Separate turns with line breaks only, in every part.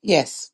Yes.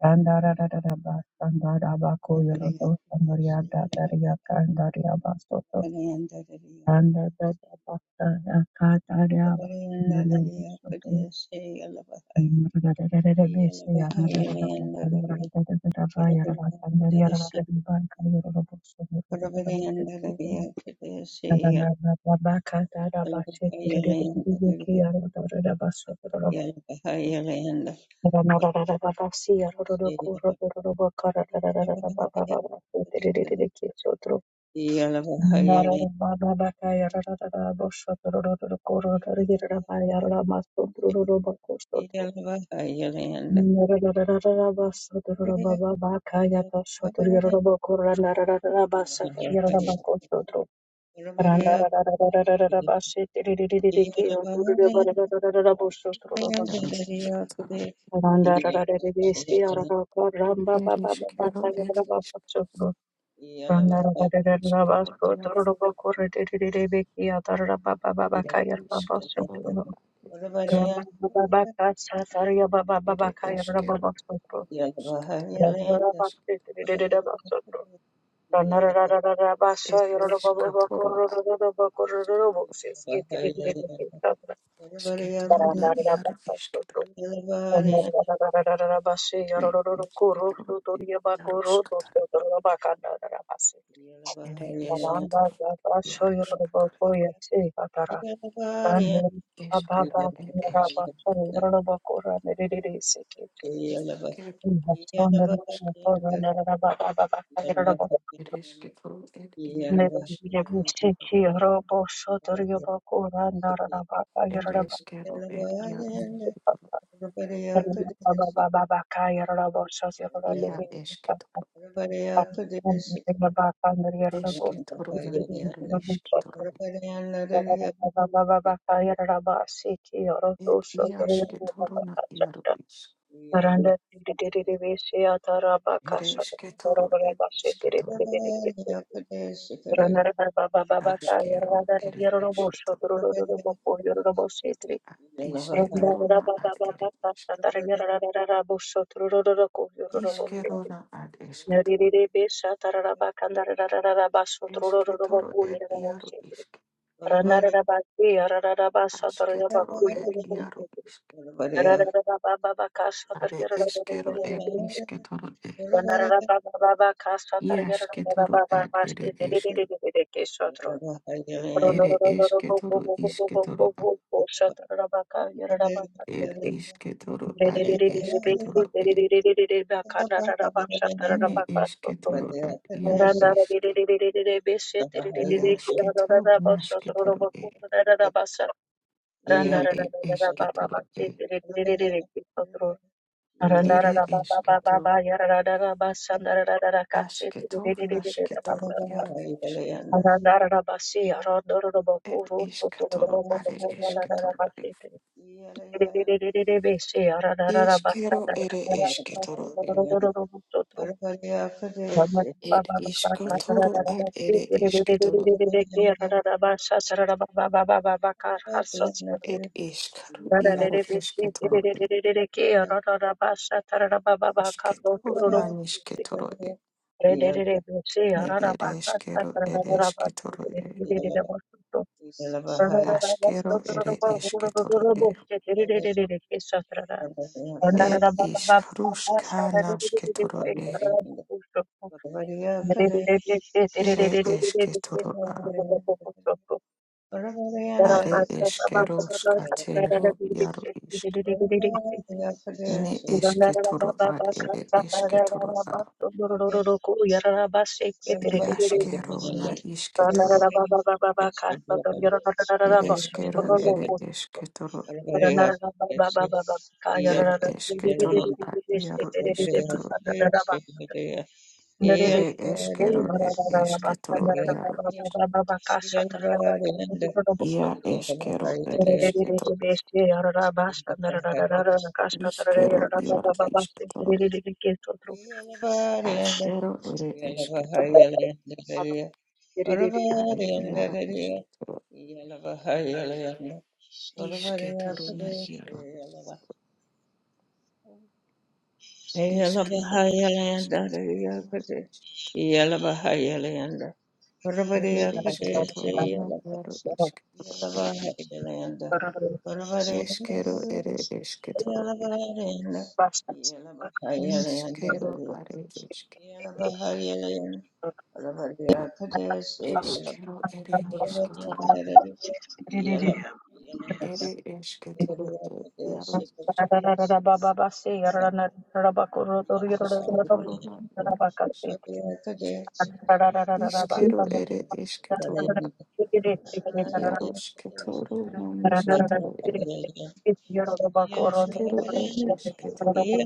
Yalla Yeah.
Quiero escuchar, eres, quiero, eres, eres, quiero, eres,
Yeah. Everybody out to the ship.
Ia esketoro,
Everybody out
esketorona
to the
iaru
ship.
isketoro,
Thank
et ia esketorona iaru is. Ere esketoro, et isketoro, askero, ere esketoro, a isketorona ad ere isketoro. Iskerona ad esketoro, esketoro et iaru isk. Asketoro et iaru isk. Are eskero et isketoro et. Ia esketoro ad ere eske.
you.
Ere esketoro isketoro ir iškėtoro are iškėtoro ir ne iškėtoro ar iaro išk. Iaškėto naškėtoro ir ia ir iškėtoro ir ir iškėtoro aškėto naškėtoro iaro išk. Ir iškėtoro are iškėtoro ir iškėro ir iškėtoro ir ir iškėtoro ar ir iškėtoro ir iškaro iaro
Yeah.
iškėtoro ir
Everybody
aškėto naniškėtoro Ne ere eskero, ere esketoro e. Askero ere esketoro e. Ed iskaruska nasketoro e. Ere esketoro a. Are eskero skatero iaro isk. Ne esketoro ad ere esketoro a. Iaskero na isketoro. Ere eskero ere esketoro. Ed esketoro ad iaro
Yellow
isketoro. Ere eskero ed esketoro iaro isk.
Yalabahayalanda,
Ia eskero ere isketoro. Iskero iaro isketoro. Askero ere esketoro. Are iaro isketoro. Isketoro na iaro. Eskero ere esketoro iaro isketoro. Ere esketoro na
Rabadiakadesi,
iaro isketoro.
Yalabahayalayanda, Varavaryanda,
Eskero ere esketoro.
Yalabahayalayanda, Yalabahayalayanda,
Iskero are isk.
Yalabahayalayanda, Varavaryakadesi,
Eskero ere esketoro,
Yalabahayalayanda,
Ere
Yalabahayalayanda,
esketoro e iaro
Varavaryakadesi,
isk.
Yalabahayalayanda,
Asketoro na
Varavaryakadesi,
iaro.
Yalabahayalayanda,
Ishkero ere esketoro
Yalabahayalayanda, Yalabahayalayanda,
yarosketoro namisketoro e ashkero ere esketoro e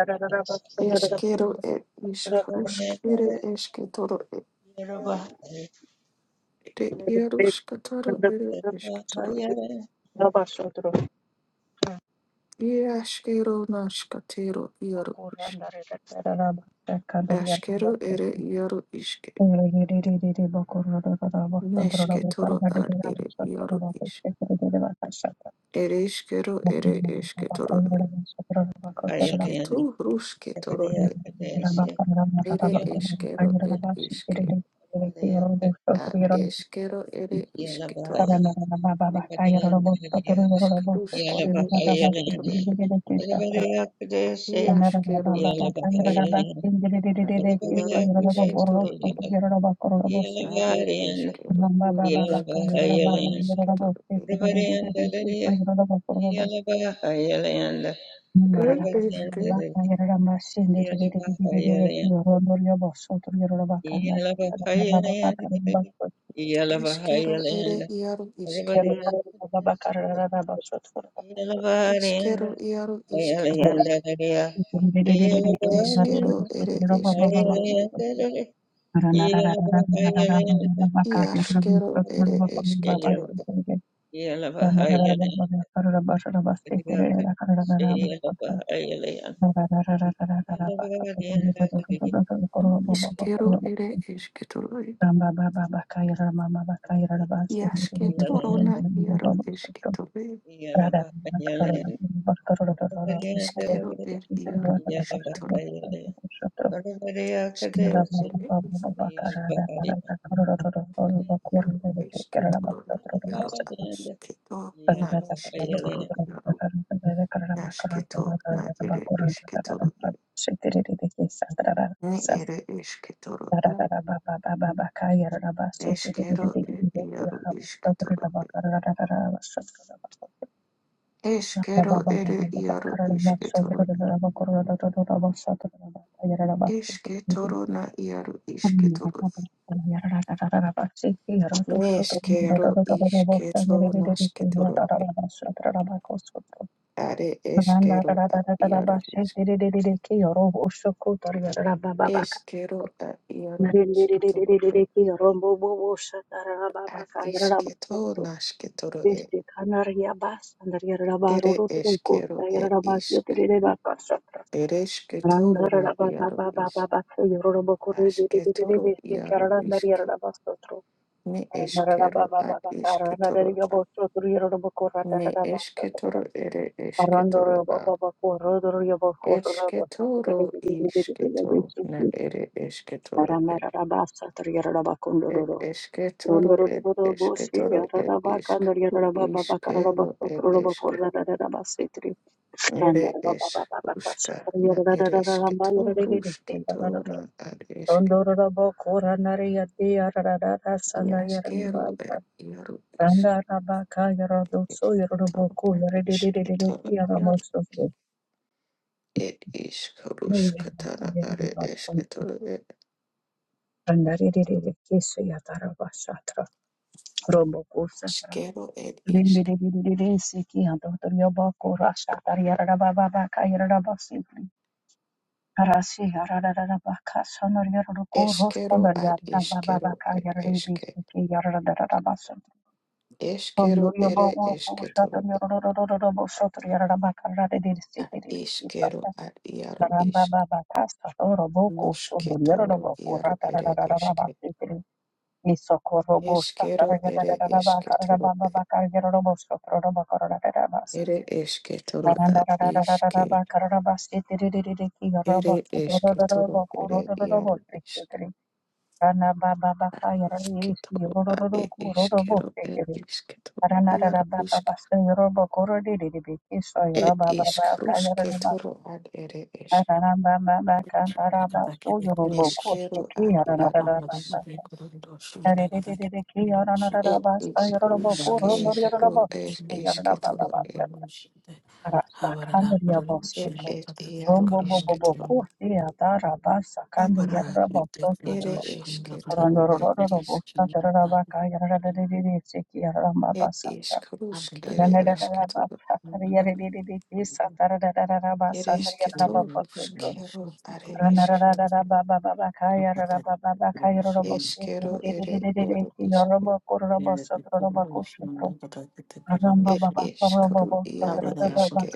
Yellow,
eskero ere iskarusk ere esketoro e ere yarosketoro ere esketoro e ashkero naskatero yaro ish ashkero ere yaro iske nesketoro ar ere yaro ish ere eskero ere esketoro e ashketo rusketoro Ere eskero ed iske. A eskero ere iske
Yalla
isketoro iskrusk ere esketoro. Iaskero ed eske. Are iaro isketoro. Are eskero iarusk traman isketoro. Ed eske.
Bahayalanda, Yeah.
Eskero ere iaro iske. Eskero iaro isketoro. Neskero ere esketoro. e Iaskero ere esketoro. e Iskero ere esketoro. e Yasketoro na iaro esketoro
Yeah.
eskero er iaro esketoro askero er esketoro iaro esketoro na iaro asketo na esketoro iaro asketo na ere esketoro er ni ere esketoro a eskero er iaro esketoro er eskero ere iaro esketoro esketoro na iaro esketoro Neskero isketo nasketoro are eskero a iaro isk eskero a iaro isketoro e a isketo nasketoro e ere eskero e isk ere esketoro na iaro isk asketoro iaro isk ne eskero a isketoro a ne esketoro ere esketoro a Esketoro, ishketo na ere eshketoro ed ed esketoro ed esketoro ed ishkru ishkero ed eshke ere esh ushka na ere eshketoro ushketo na ad eshke iaskero ed iaru ishk eshketoro na ishketoro iaru ed ishkrushkatana are eshketoro ed ashkero ed isk Eskero ad iskero et eske. Eskero ere esketoro ad iskero ad iaro isk. Nosketoro iaro ere eske. Eskero ere esketoro e- ere esketoro ad iske. Ere esketoro ere iaro isk. Isketoro ad e eskero et isketoro iaro isk. Et isk rusketoro ad ere esk.
Abada
Neskero ad iaro isk. It is kruske ro er, es esketoro et et et iaro isketoro. Ere esketoro et is et is krusk ere esketoro. Ere esketoro ruskero are esketoro. Eskero ere iaro iske.
Thank you.
Et is kru iaro eske.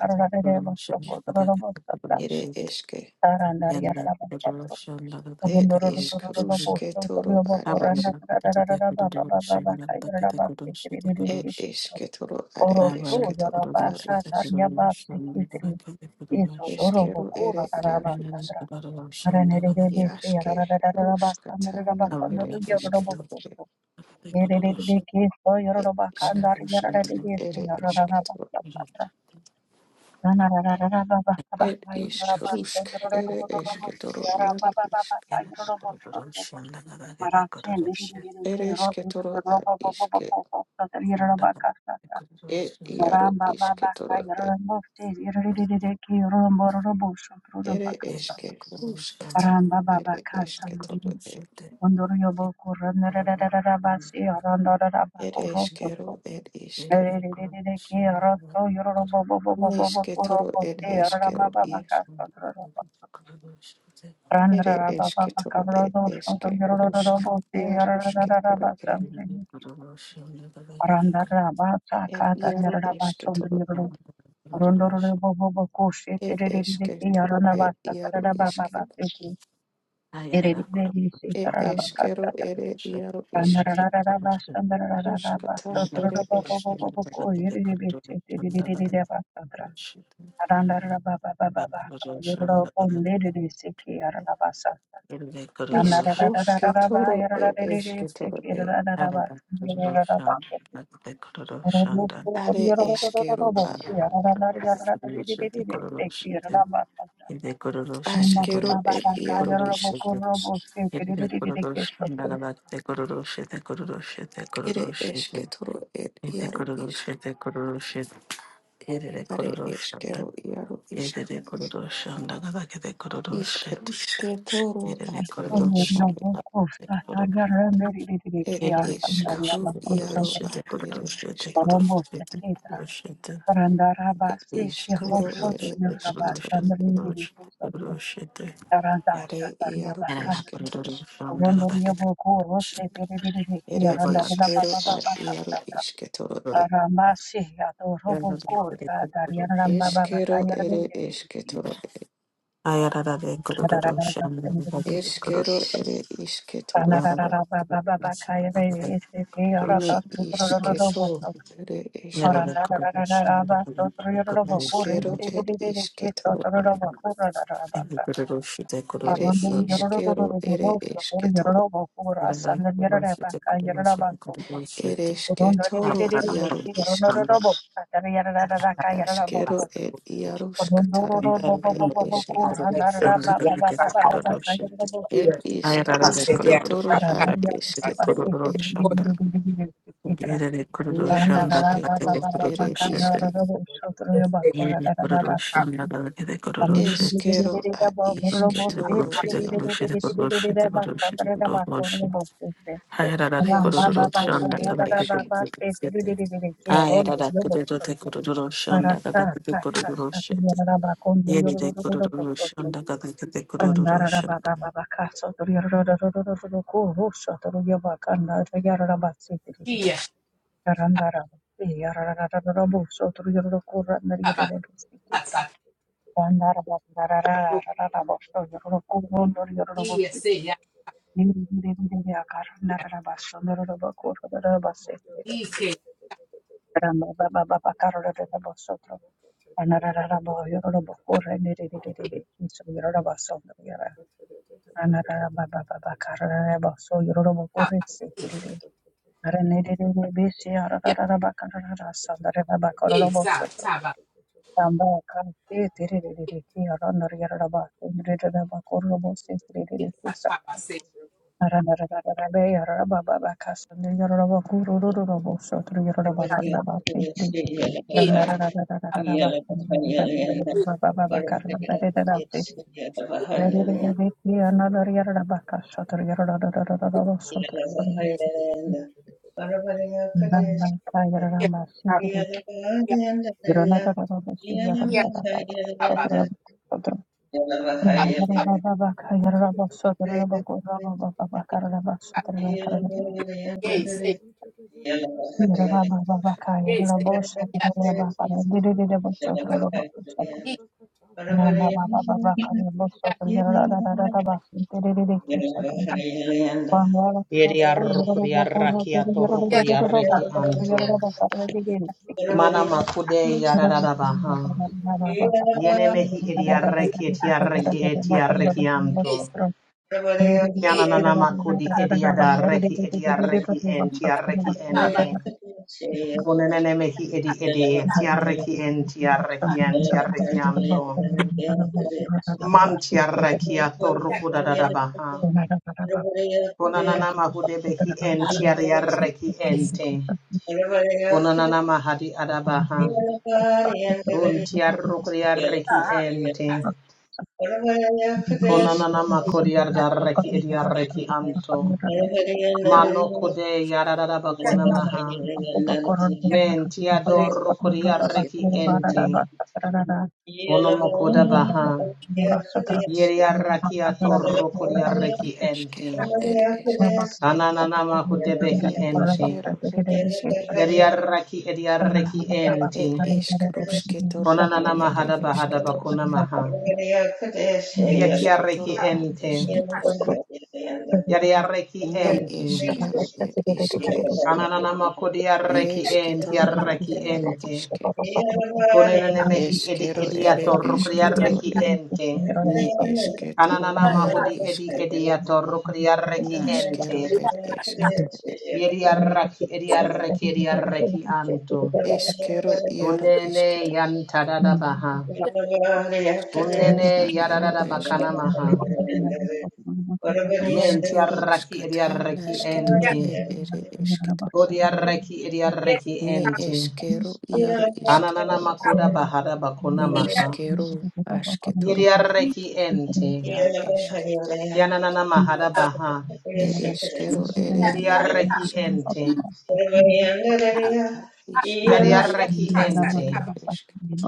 Ere eske. Et is krusketoro at es. Et esketoro are esketoro iaro is. Eskero ere iaro iaske roskatana ere esketoro et iskaruskata ere esketoro ed iskarusk ere esketoro iaro isk
Thank you.
ere esketoro a iske ed iaro isketoro et ere eske ruskatana ere esketoro et ere eskero ed iske nesketoro et eskero Ere eske toro e eske rusk iar ruske toro e e iaro eske toro e eske toro e iaro iske e eskero
Shanda,
ere iaro isk ruskata ere eske isk ruske toro e eske toro e are eskero a askero e iaro isk ere eske toro e iaro isk are eskero iaro isk
Yedede korodoshan dagada kede korodoshet.
Ishkarushke toro
Yedede
ad ere
korodoshan
ishke.
dagada korod.
Et
Yedede korodoshet
ishkaru iaro
korodoshet
ad ere
korodoshet
ishke
korodoshet
toro.
de korodoshet. de
Et
Korodoshet
ishkaru ere
de korodoshet de
ishke toro.
korodoshet de korodoshet de korodoshet.
Ere iaro
Yarana
ishke toro.
korodoshan dagada kede korodoshet.
Ere
Yabada
ishkero ad iaro ishke toro.
korod.
E.
Yarada kede korodoshet.
Ishkero ere ishke toro. E.
Ayarada kede korodoshan dagada kede
Ishkero
korodoshet.
ere ishke
Shanda,
toro. Ne ishke toro. Ere ishke. Ashkero ed ishke toro. Ere ishkero ere ishke toro. Ereshke toro iaro ishke.
Thank
Ashkero et iarushka tarara et eshke. Et ishkarushke ad eshke et ne eshke ere ishke.
Yeni kuruluşun ya da ötede kuruluşu,
Eshkero ad ishke
kuruluşu, kuruluşu,
iaro
kuruluşu,
is.
kuruluşu, kuruluşu, kuruluşu. Hayır aradı
iasketoro toro
kuruluşun da
et
kadar ötede
eshke.
kuruluşu. Hayır aradı kuruluşu, kuruluşun da kadar ötede kuruluşu.
you.
Yeni
Thank
de kuruluşun da kadar ötede kuruluşu.
Yes,
you. Monday, Mando concha de de de de de de concha de cata. Mando concha de de de de concha de de de cata de concha. Mando cata de de de de de de concha de de cata. Mando concha de de concha de de de concha. Mando concha de de de de de de de de de de de de de de de de de cata. Mando concha de de de de de de de cata cata. Mando de de de de de de de cata cata de de de de cata. Mando concha de de de de de
Yes,
de de cata.
Yeah.
Yeri arrukuri arraki
yes,
atorrukuri
yes,
arreki anto. Mana makude yararara baha. Yene mehi edi arreki eti arreki eti arreki anto.
yes,
Yana nana makudi edi arreki edi arreki enti arreki ente. Kunenene mehi edi edi eti arreki enti arreki enti arreki anto. Manti arreki
yes,
atorrukuda da baha. Kunanana mahude behi enti arreki ente. Kunanana mahadi adabaha. Buntiarro coriarreki ente. Conananama coriarreki ediarreki anto. Mano code yararaba conamaha. Mentiador coriarreki ente. Onomokoda baha. Yeriarraki atorro coriarreki ente.
Iashkero et eshke
Yeah.
Anananama codebehi
Ere
ente.
eshkero et ishke.
Yeriarraki ediarreki
Et
ente.
iskrušketoro toro ad
Conananama
ere
hadaba
eshke
hadaba
iasketoro
conamaha.
Iashke toro
Yetiarreki
ad
ente.
ishke
Yeriarreki
Ni
ente.
eskero ed iske.
Kananana makodi
Ere
arreki enti
esketoro ad
arreki
iaro
ente.
iske.
Konenene mehi edi
Eskero ere
ediator rukri
esketoro
arreki
ed.
ente.
Ni esketoro
Kananana
iaro
mahudi edi
iske.
ediator rukri arreki ente.
Naskero ed esketoro ed.
Yedi arraki edi arreki edi arreki anto.
Eskero iaro
Kunene
isketoro.
yantadada baha.
Yeah.
Asketoro
unene
na iaro
yadadada
Yeah.
bakana
esketoro.
maha. Menti
Iskero
arraki edi
skata
arreki
nasketoro
ente.
ed ere esketoro
Kodi
ed.
arreki edi arreki
Ni
ente.
eskero iaro
Kananana
isketoro ad.
makoda bahada bakuna
Ni
maha.
eskero asketoro ad.
Yediarreki ente.
Ya esketoro.
Yananana mahada baha.
Ere eskero, ere iaro
Yediarreki
iskar
ente.
isk
Yediarreki
rusketoro,
ente.
ere esketoro.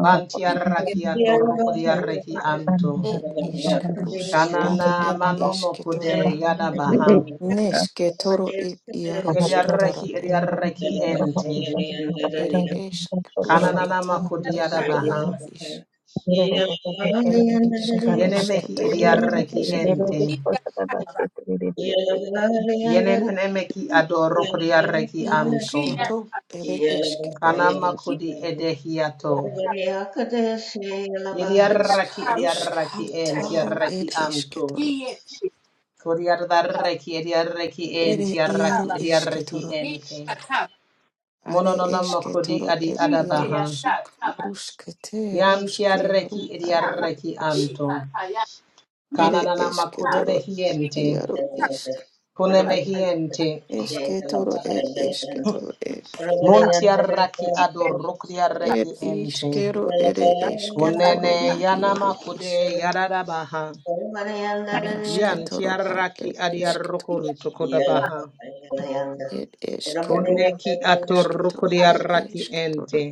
Vantiarraki atorukodiarreki anto.
Et isk rusk ad
Kanana
et
manu
esketoro a.
mokude yada baha.
Nesketoro et iaro sketoro
Yediarreki
e.
ediarreki ente.
Ere esk
Kananana
ruskata,
makudi yada
ere iaro
baha.
is. Et isk
Yenemehi
Yes,
rusketoro, et
ediarreki
esketoro e.
ente.
Yeah.
Yenenemeki adorukodiarreki anto.
Iasketo, ere esketoro e.
Kanama kudi edehiato.
Isk
Yediaraki Ediaraki and
ruskataro, et
Tiaraki Amto.
esketoro.
Kodiaraki Ediaraki and
Ere iaro
Tiaraki
isketoro
Ediaraki Ente.
Are
Mononona
eşke
Kodi
toro
Adi
et
Adabaha.
yaruş. Ruşke te
Yan
ruşke
Tiaraki
ru ar ere
Ediaraki
eş.
Amto.
Ere
Kananana
eşke
Makudebe
toro ar
Hiente.
iaru işk.
Kuneme Hiente.
Eşke toro et eşke toro et.
Muntiaraki Ador Rukriaraki
et
Ente.
işkero ere eşke toro
Kunene
na
Yanama
yaru
Kude
işk.
Yadadabaha.
Naşke
Yan
toro ar er
Tiaraki
işke toro.
Adiarukun Tokodabaha.
et eskeru ru
Koneki
aşke
ator
toro er
kuriaraki
eşke toro.
ente.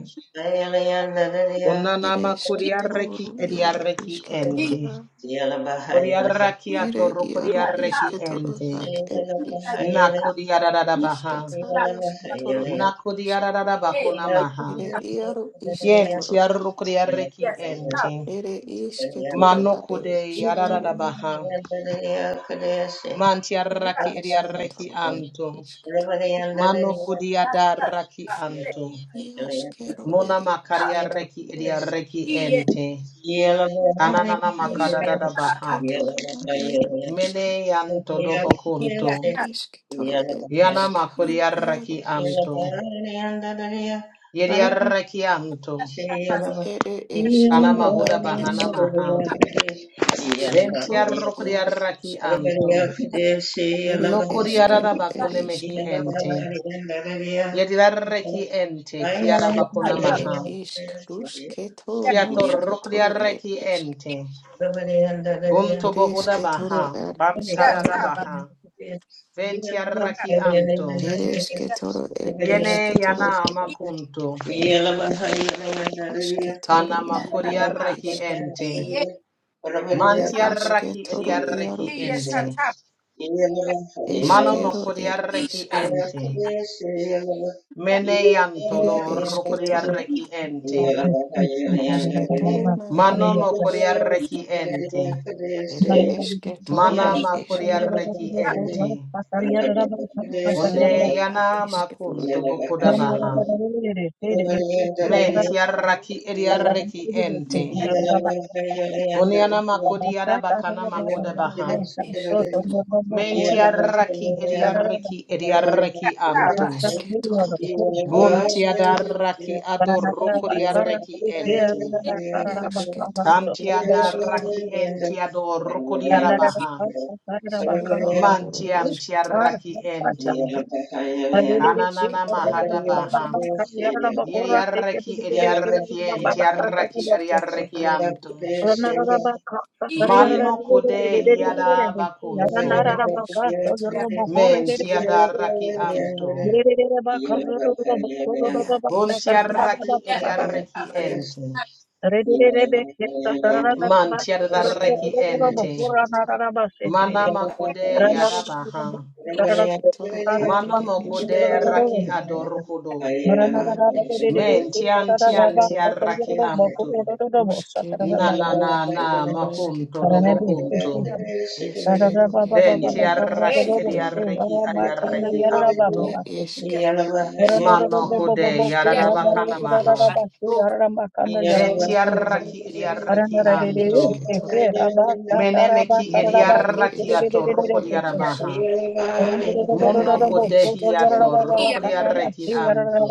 Ere
Unanama
eşke
kuriaraki
toro iaru
ediaraki
işke toro.
ente.
ad.
Yeah.
Kuriaraki ator
Ere iaru
kuriaraki
işke toro
ente.
ar et işk.
Nakuriarada baha.
Ushkataro isketoro ere ish
Nakuriarada bakunamaha.
ere iaro
Yen
isketoro a
tiarukuriaraki ente.
ere isketoro are
Manokude
isketoro
yarada
e
baha.
ere
Mantiaraki ediaraki
isketoro ere
anto.
isketoro is
Manokudiadaraki anto.
Yeah.
iaskero
Mona
ere isketoro
makariaraki
e
ediaraki ente.
Yeah.
Kananana makadada
iskero
baha.
sketoro na iaro isk
Mene yanto dobo kunto.
ere isketoro
yeah,
ere
Yana
iskero iaro
makuriaraki anto.
isketoro
Yediaraki anto.
Oh
ere
Kana
iskero a
mahuda bahana
iske
maha.
asketoro iaro isk
Ventiarokuriaraki anto.
ere
Nokuriarada
iskero ere
bakune mehi
isketoro
ente. Yediaraki ente. Kiara bakuna
It
maha.
is Krusketoro,
Kiato
Nosketoro, it
rokuriaraki
is
ente.
yeah.
Unto
it is
bohuda
Ketoro,
baha.
it is
Bantada
Ketoro,
baha. Ventiaraki anto.
it is Ketoro, it is
Yene
Ketoro,
yana makunto. Kana
Asketoro, na Iaro
makuriareki
iske,
ente.
Are
Mantiaraki
Esketoro, Iaro
ediareki
iske,
ente. Mano
Yeah.
Eskero, it is
makuriareki
iskero,
ente. Mene yanto
Ere
do
Esketoro,
rukuriareki ente.
Asketoro, na
Mano
Iaro iske,
makuriareki ente.
Ere Esketoro,
Mana
it is
makuriareki ente. Kone
Kesketoro, at
yana
Isketoro,
makunto bokudabaha.
Yeah.
I'm gonna make you
Isketoro
Mentiaraki ediareki ente. Kone yana makuriarabakana
Esketoro, Eskero,
makudabaha.
it is
Mentiaraki idiaraki idiaraki anto.
Ashketoro,
Yeah.
Yaru, Ishketoro,
Buntiadaraki adorokodiaraki ente.
Yashketoro,
Kantiadaraki
Ishketoro,
ente adorokodiarabaha.
Ishketoro, Ishketoro,
Mantiantiaraki ente. Kananana
Ishketoro,
mahadabaha.
Ishketoro,
mine.
Yiriaraki idiaraki ente araki
Ishketoro,
idiaraki anto.
Ishketoro,
Manno kudehiadabakunto.
Ere Ishketoro, Ishketoro,
Mentiadaraki anto.
Ya Ishketoro,
Buntiarraki ediarreki ente.
Yeah.
Mantiarraki
Ishketoro, Ere
ente.
Ishketoro,
Mana makude yadabaha.
Rusketoro, Ad
Mana
Ere Ishk,
makude raki adorkudo.
Ya
Men
Ishketoro,
tian
Ishk,
tian tiarraki anto.
Ruskere,
Na na na
Yarusk,
na makunto
Masketoro,
dobokunto.
Eskero ere
Den
iaro
tiarraki
isketoro
ediarreki adiarreki anto.
ne eskero
Mano
isketo
kude
nosketoro
yadabakana
et
maha.
esk
Ben
asketoru
tiarraki
i
ediarreki
ia
anto.
esketoro e
Menemeki
ne ere
ediarrakiato
eskero et isk
rokodiarabaha.
are
Monoko
esketoro
dehiato
ad iaro
rokodiarreki
isk
anto.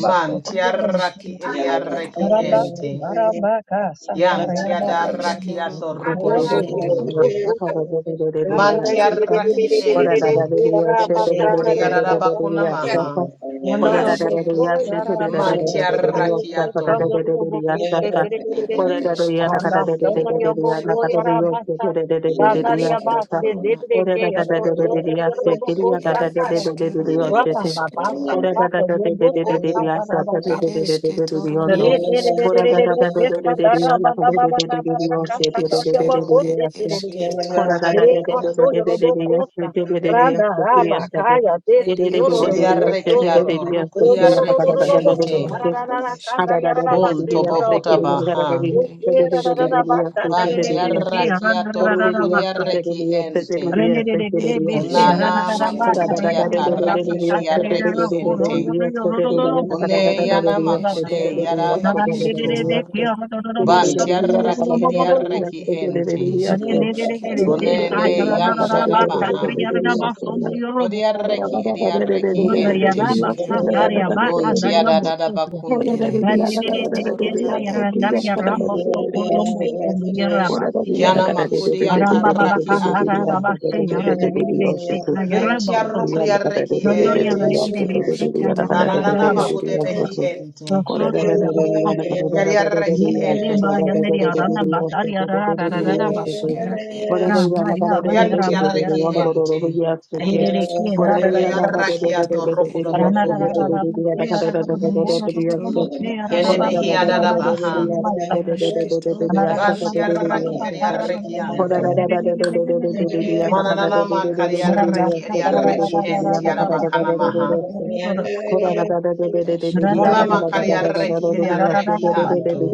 Man
ad
tiarraki
isketoro iaro
ediarreki
isk
ente. Yam
Yes,
ere eskero
tiadarrakiato
ad isketoro
rokodobokonto. Man
I'm gonna make
tiarraki ente.
nesketoro
you
ere esketoro
Rodiarabakuna maha.
eskero ere
Man
esketoro e.
tiarrakiato.
Are esketoro iaros. Iasketoro na iaros. Ere
Yeah.
eskero
Yeah.
et isketoro.
Ora da da da de de de de de de asa da de de
Ere
de de de de de de
esketoro na
ondo. Ora da
isketoro
da da de de de de
iaros.
de anda ka de de de de de de
Ne
oshe de de de de de
eskero
de
et
de asa.
esketoro
Ora da da de de de
iaros.
de de de de de asa de de de de asa de asa de. De
Et
de de
es
de de de de asa de de de
Odiarrekiato
de asa de anda ka da
rokodiarreki
da da da de
ente.
de de
iskarusketoro
de.
ad esk.
Ada da da de de de de
Bunto
asa de
bohuta
anda ka da da da
baha.
Ere
de de de de de
eskero
de asa
ad
de de de de
iaros.
asa. De
Vantiarrakiato
de de de asa de de de
rukodiarreki
asa de de
ente.
de asa de de
Et
de asa.
Kunana
Yes,
iskarusketoro
makunti
na are
atarraki
eske.
mine.
ediarreki ente. Kune yana makude
Eskero
yara
ere
bakunto.
isketoro
Vantiarraki ediarreki ente.
Yes,
Ishkarush
I
ketoro ad
Kunene
will.
ed eshketoro
yantarabaha.
e.
Vodiarreki ediarreki
Ya
ente.
eshkero.
Kuntiadada bakunto.
Ere ishketoro na ad eshke. Ere
Kiana makudi
ishkero ad
atarraki
eshke.
anto. Ventiarrukriarreki
Ed
ente.
ishkarush ketoro ad
Ananana mahude
eshketoro
behi
e.
ente. Yariarraki ente.
Ya eshkero ed ishke.
Yantiarraki ente.
Ad eshkero ad
Yeah.
Kuriarraki
eshketoro e.
atorrokudo bokunto.
Neshketoro
Yes,
ed
Kene
ishke.
mehi adada baha.
Yashketo eshketoro
Bantiarraki
ed eshke.
eriarraki anto.
Ere
Mananana makariarraki
yarushketoro ed
eriarraki
eshke.
ente arabakana maha.
Eske
Muna
toro ed isk
makariarraki eriarraki anto.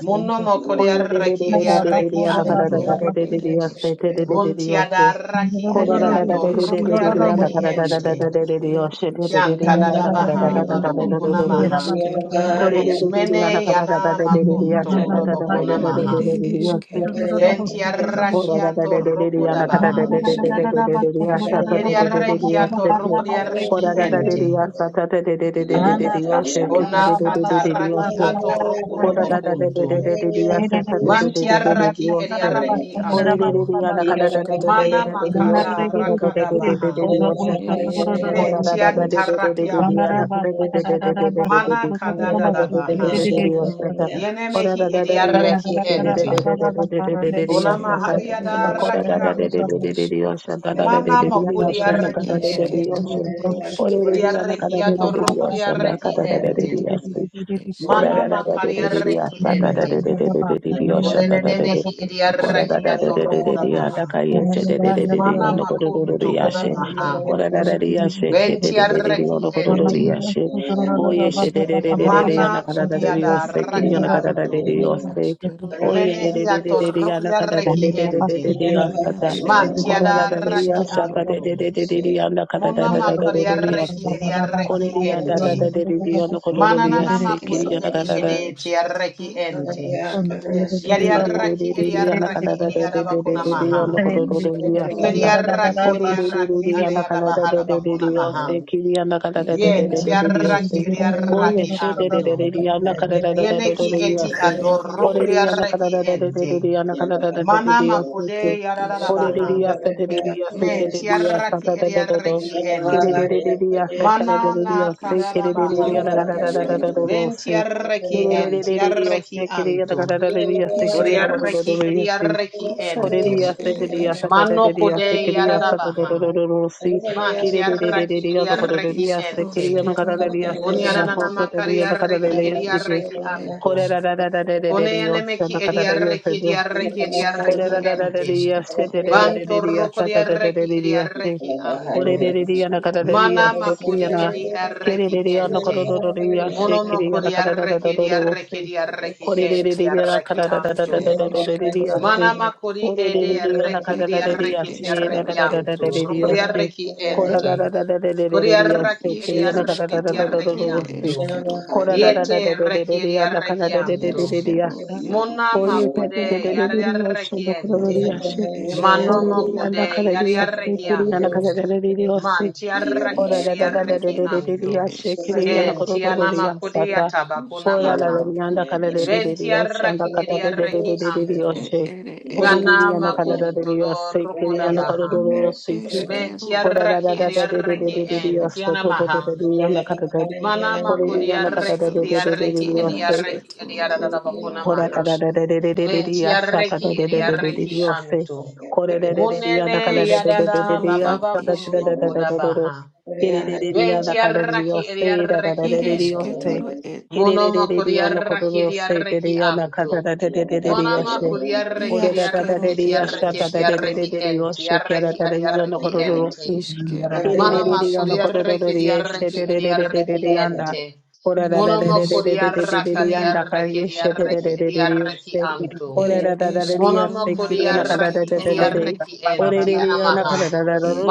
Muno
ed
mokoriarraki
isk
eriarraki
rusk
anto.
iaro ere eske toro
Buntiadarraki
ere eske toro ed
adiatorrukriarraki
eske
ente.
toro iaro isk
Yan tadadabaha badobokuna
ne
maha.
eskero ed iske toro
Mene
a
yana makun tokudobokuna
Yeah.
maha.
ere eskero a
Yeah.
iaro isk
Ventiarrakia torrokodabaha.
eskero ed isk rusk iaro
Yeriarrekia
a ere esk
torrokodiarreki ente.
iaro
Kuna
skatara ed
katarraki
eske
atorrokodobokunto. Mantiarraki
ere
eriarreki
eskero
anto.
iaro skatara
Mana
ed esk
makada rakada rakadabaha.
ed iskero nan iske
Mentiantarraki
toro ed
anto. Mana kadada kadadadabaha.
eskero ed
Yenemehi ediarreki ente. Kona
Iskero
mahari
ere
Kora da
adaraki
eskero
da de de
anto.
de de de
is
de yosha da da de de
Mana
de de de
makuri
yosha da
ne
da
arreki
de de de
ente.
esketo
yosha. Ore de
Kuri
de yana
rusketoru
kada
arreki
de de de de
atorro kuri
iaros
yosha da
arreki
da da de
ente.
de yosha. Kora
eskero
Mana
da da da
ere
de
makari
de de de
arreki
esketoro
da da
ente.
de de de de de de
Kunenene
yosha
mehi iri
ere
Kora da
arreki
eskero
da da
ere
da
atorro
da da
kura
da
maha.
da ka
iarosketo
Yeah.
yese da da da da da
Mana
yono koro do do do
makunto kura
yashe.
ne
maha.
ere
Kora da da da
esketoro
yashe ke da
Benti
da da da da
iske
arreki
yono koro ro ro
ente.
yashe. Ko yeshe da da
iskero
da da da da
ere
yana
Mana
kada da
kudi
da da
esketoro
yose kiri
adaraki
yana kada da
anto.
da da yose.
askero
Ko
ere
ye da
Menehi
da
iaro
da da da da
isk
atorro kuri
yana kada da
arreki
da da da da
ente.
da da yasa ta.
iaskero
Manti
Kora da
na
da da
adaraki
yasha
isketoro
ta da
anto.
da da da da da yana kada da
Mona
da da da da
makari
da
arreki
yase.
edi
eskero ere
Kore
arreki
iaro
da da
ente.
da
isk
da da da da yono koro do ro
Mananana
yase kiri
makudi
yana
edi
kada da.
edi eti
iskaruskatana
ente.
ere
Oh,
Yari arreki edi
Yeah,
arreki edi adabakuna maha.
Iskru
Yari
isketoro
arreki
ere
edi
esk
arreki adi adabahada bakuna maha.
et
Yen ti
iaro
arreki
isketoro esk
anto. Yeneki
askero
eti
ere iaro
adorokri
isk
ente. Mana makude
et isk
yaradabaha.
ere
Men ti
eskero
arreki edi
et isk
ente. Mana na
et iskru
karadabaha.
iaro eske
Venti
Kiri
arreki enti entiarraki anto.
isk
kuri
rusk
arreki edi ediarraki ente.
rusketoro ere
Mano
esketoro e
kode yaradabaha.
Everybody out for
Mantiarraki
this.
et
ediarraki
isk
ente.
Yeah.
rusketoro et
Kunianana
isketoro a
edi
are
ediarraki
eskero et
anto.
isk
Kune anemeki edi Kunianemeki ediarraki ediarraki
ere
Ore
ediarraki
esketoro
da da da
na
da
ente.
da se
isketoro
da da da da da da
Vantorroko
sa
edi
da da da da da da se.
ediarraki
Ore
anto.
da da da na ka da da
Ishkatoro
Mana
da se kiri
makudi
na
edi
ereshkero
kiri
arreki
da
eresh
da na ka
ente.
da da da da
Mono
se kiri na
makudi
ka da da da da da
arreki edi
da
arreki
se.
edi arreki
Ore da da
enti
da na ka
arreki
da da
ishkarushkatara
da da da
anto.
ere
da da da da da
ishketoro
se.
Manama kodi
Ore da da
ede
da na
arreki
ka
er
da
edi
da da
ere
da
arreki ti
se da
eshkero
da
arreki
da da
er
da da da
antu.
ishke
da
Rukri
se.
arreki
Ora
ente.
da da da da da da da
Kodi
da da
er
se
arreki edi
kiri na ka da
arreki
da da
ti
da
ishkarushketoro
da da
arreki
ere
da se.
antu.
eshkero
Kora da da da da
Yete
da da da
arreki
da
edi
yanda kana
arreki
da da da
antu.
da da da
eshkero
yasa.
iaru
Oye
Monama
ishk
te te te
kude
te te te
yari
te yosho
arreki
no kora
er
da da
ente.
ere
yashe. Ore
eshketoro
da
Manomo kude
yanda
nota
kana da
yari
eshkero
yashe
arreki
kiri yanda
antu.
kana da da da da yose.
Manti
er
Ora
arreki
da
edi
da da
ishkero
da da
arreki
da da da da
ere
antu.
yashe kiri
eshketoro
yanda kora
Enti
da da da
anama
yasa
kudi
ta.
atabakuna
Yeah.
Ora da da
maha.
ushketoro
da yanda
ere
kana da
ishk
da da da
Venti
yosho yanda
arreki
kana
edi
da da da da
arreki
da da da
antu.
er
yoshe.
ere
Ore da da
Yana
eshketoro
yanda kana da
makun
da da yose
todoro
kiri
koda
yanda kora
baha.
da
nia
da da yose.
Men
eshkero
Kora da da
tiaraki
da da da da da da da
ashketoro
da
ediaraki
da
er
en
dios,
ishk
tiana
todo todo
maha.
todo di ya na cada di.
Mana
Kora di
It
ya na
is
cada da
makudiaraki
da da da da
ediaraki
dios,
Karuskatanas
ediaraki
Ketoru
ediarada bakuna
Iaro
kora da
maha.
da
es.
da da da da da
Men
di ya sha da
tiaraki
da da da
It
da
ediaraki
is
dios,
anto.
kora di ya na
Munene
cada da da da da da
yadada
Rusketoro
di ya
it
sha
bababa
da
kunu
is.
da da da da
mokoda
da
baha.
di. Di ya
Ben
na cada
tiaraki
dios, di da da da
ediaraki
It is
dios,
ento.
di
Ketoro it.
Monoma
ya
kuriarra kiriarra ki
na
antu.
cada da da da da
Monoma
dios,
kuriarra
kora da
kiriarra
da
ki
Iaskero
di ya
ere
na
tiarra ki
cada dios, kora da da
tiarra
esketoro
ki
et
en tiarra ki
di ya
adiarra
na
ki
cada
ad
dios.
ente.
iskero
Kila
et
Monoma kuriarra
isketoro et
kiriarra ki
iske.
adiarra ki ente.
Ne
Monoma
es
kuriarra
ruskero
kiriarra kiriarra ki adiarra ki antu.
et eskero
Monoma kuriarra ki
nanasketo
adiarra
ru.
ki en tiana maha.
Et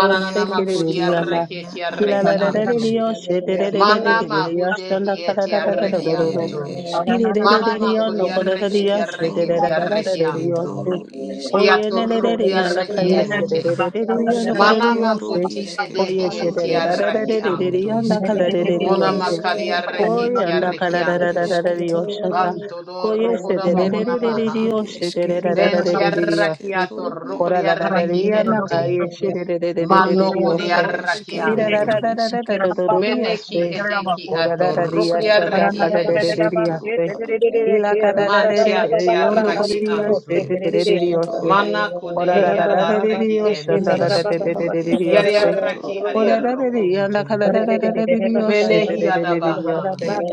kuriarra
iaroskero
ki
na ad
tiarra ki
ere
antu.
eskero
Mana mahudehi eti
Ne ere
arrechianto.
Oh,
Mana
esketoro
macuri arrechi di arrechi
isketoro
ti arrechianto.
isketoro
Chi
isketoro
atorruc di
Yeah.
isketo
arrechiente. Mana
rusketoro
macuti edehi
isketoro
eti
isketoro
arrechianto.
isketoro
Mona
iske
macari arrechi ti
ro ere
arrechianto.
esketoro e
Vanto dorroco da bohona maha.
ere eskero ad
Venti arrechiato
isketoro e
ruco di arrechiente. Mano curi
ere eskero ed
arrechianto.
isk
Meneki edeki
Ora da da
ere
dia
eskero
shanda
ed
atorokriareki
kada de de
ente.
de dia
isketoro
se.
a
Ila kada da de de de
ere
yondo ko de
Mantiantiaraki
dia
eskero
anto.
se
ed
te de de de dia
isketoro
se.
Mana kude
Ora da da da de de
yarareki
dia shanda
ente.
da da de de
Neskero
de de
et
dia se.
isketoro
Yariaraki
Ora da de dia na
ariarokunto.
kada da da da da de dia se te
Menehi
de de de de
adabaha.
dia se.
et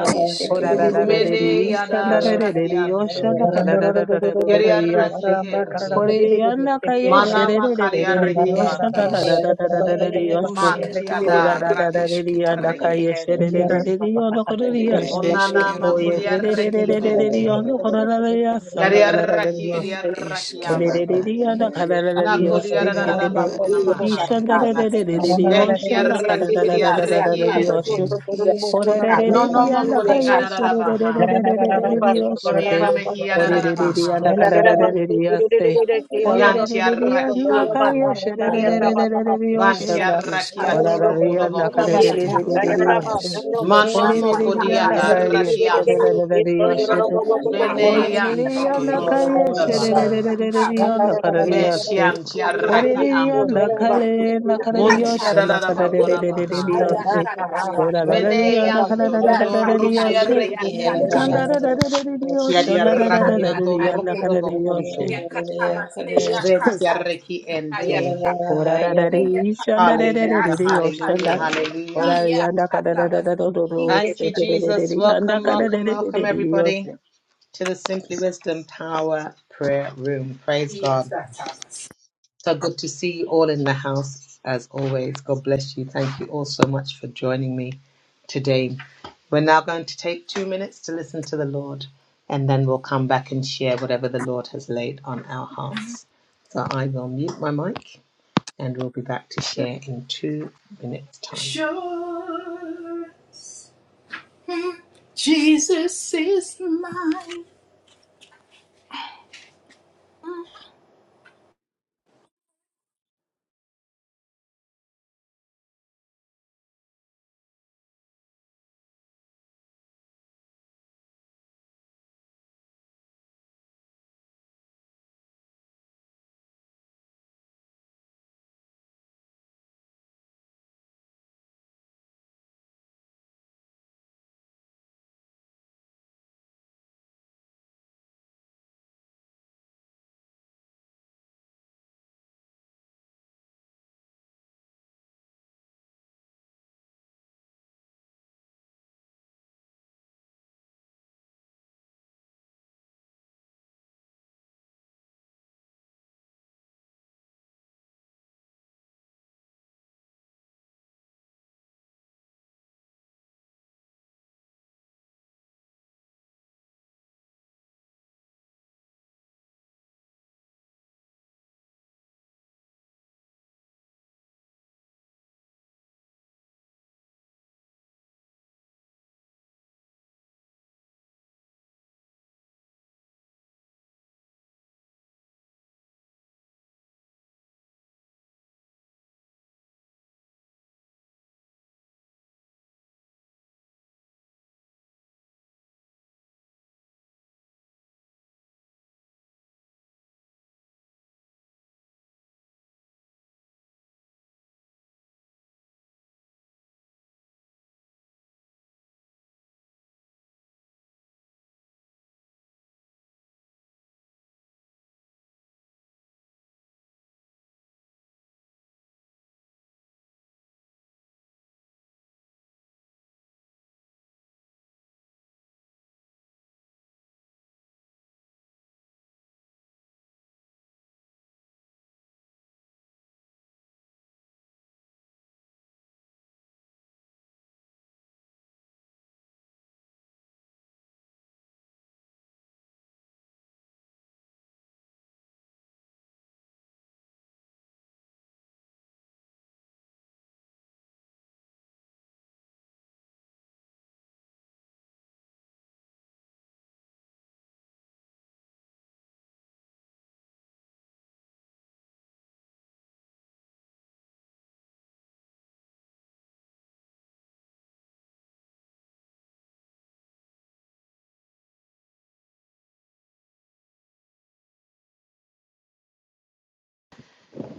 Ora da da
iskero
da de
Mene
na
de
et
shanda da de
iske
de de
yadaraki
dia
anto.
shanda kada da da da da da da dia se.
Yariaraki ente.
Yeah,
Oreliyana
Yeah.
kayeshe
Mana makariareki
et
rererererereyosha
anto.
is
dadadadadadadadadadeyose.
rusketoro ere
Mantiadaraki
Oradadadadadadadadadadeyanda
esketoro
ediareki
et
kayeshe
ente.
rerererereriyono
are
koreriyashe.
Unana
eskero
Oye
na
makuriareki
isketoro et
ente.
rererererereriyono korerereyasa
Yariaraki
et
ndakadadadadadeyose.
yeah,
eskero
Idiarakianto.
a
Makaya ta
Orererereriyana
is
Nako
kadadadadadeyose
ta ta
ruskero
kedede.
diarabako
ye,
are
iya ta
namaha.
Ishanda
eskero
ta
a isk
rerererererereyosha
Ventiaraki Idiaraki
ne
ndakadadadadadadadadadeyoshe.
ente.
et
Yes,
iskero
No
a
no
ere
moko di
I'm gonna
esketoro
adarabaha. Boniana mehi
ere esk
adarabaha. Yantiaraki anto.
et
Vantiaraki
eske
atoroko dobokunto.
eskero et es
Mano moko
rusketoro
di
na at
adaraki
eske
anto.
Hello,
Mene
Ere
yanto
iskero
dodo
a isk
rokudabaha.
rusk.
ba,
Ere
iya
isketoro
ta ta
iaro.
ba.
Mentiantiaraki
Oreriyanda
anto.
kale
Ere
nakareriyosha
isketoro
Muntiarabako
er
namaha.
isketoro.
nakarerererereriyose. Korararariyanda
Meneyanto
Er
dodo rukulia
kararararararariyoshe.
iskero
reki ente.
iarusk
Kia
Ikandarararararariyosha
dia rakia to
narararararariyanda
ruku do
kareriyoshe.
bokuntu. Ventia reki ente.
Orarararisha
Hallelujah,
ndarererereriyosha
hallelujah,
nda-
hallelujah.
Orariyanda
Thank
kararararararose.
you, Jesus.
make you
Dererereriyanda
mine.
Welcome, welcome, welcome,
karerererereriyose.
everybody, to the Simply Wisdom Power Prayer Room. Praise God. So good to see you all in the house as always. God bless you. Thank you all so much for joining me today. We're now going to take two minutes to listen to the Lord and then we'll come back and share whatever the Lord has laid on our hearts. So I will mute my mic and we'll be back to share in two minutes' time.
Sure. Jesus is mine.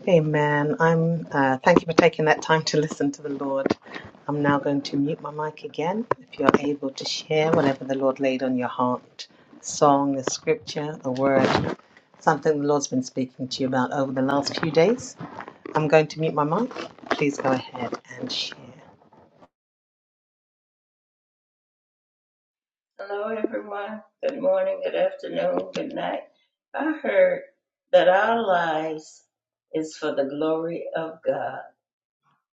Amen. I'm. Uh, thank you for taking that time to listen to the Lord. I'm now going to mute my mic again. If you're able to share whatever the Lord laid on your heart, a song, a scripture, a word, something the Lord's been speaking to you about over the last few days, I'm going to mute my mic. Please go ahead and share.
everyone. Good morning, good afternoon, good night. I heard that our lives is for the glory of God.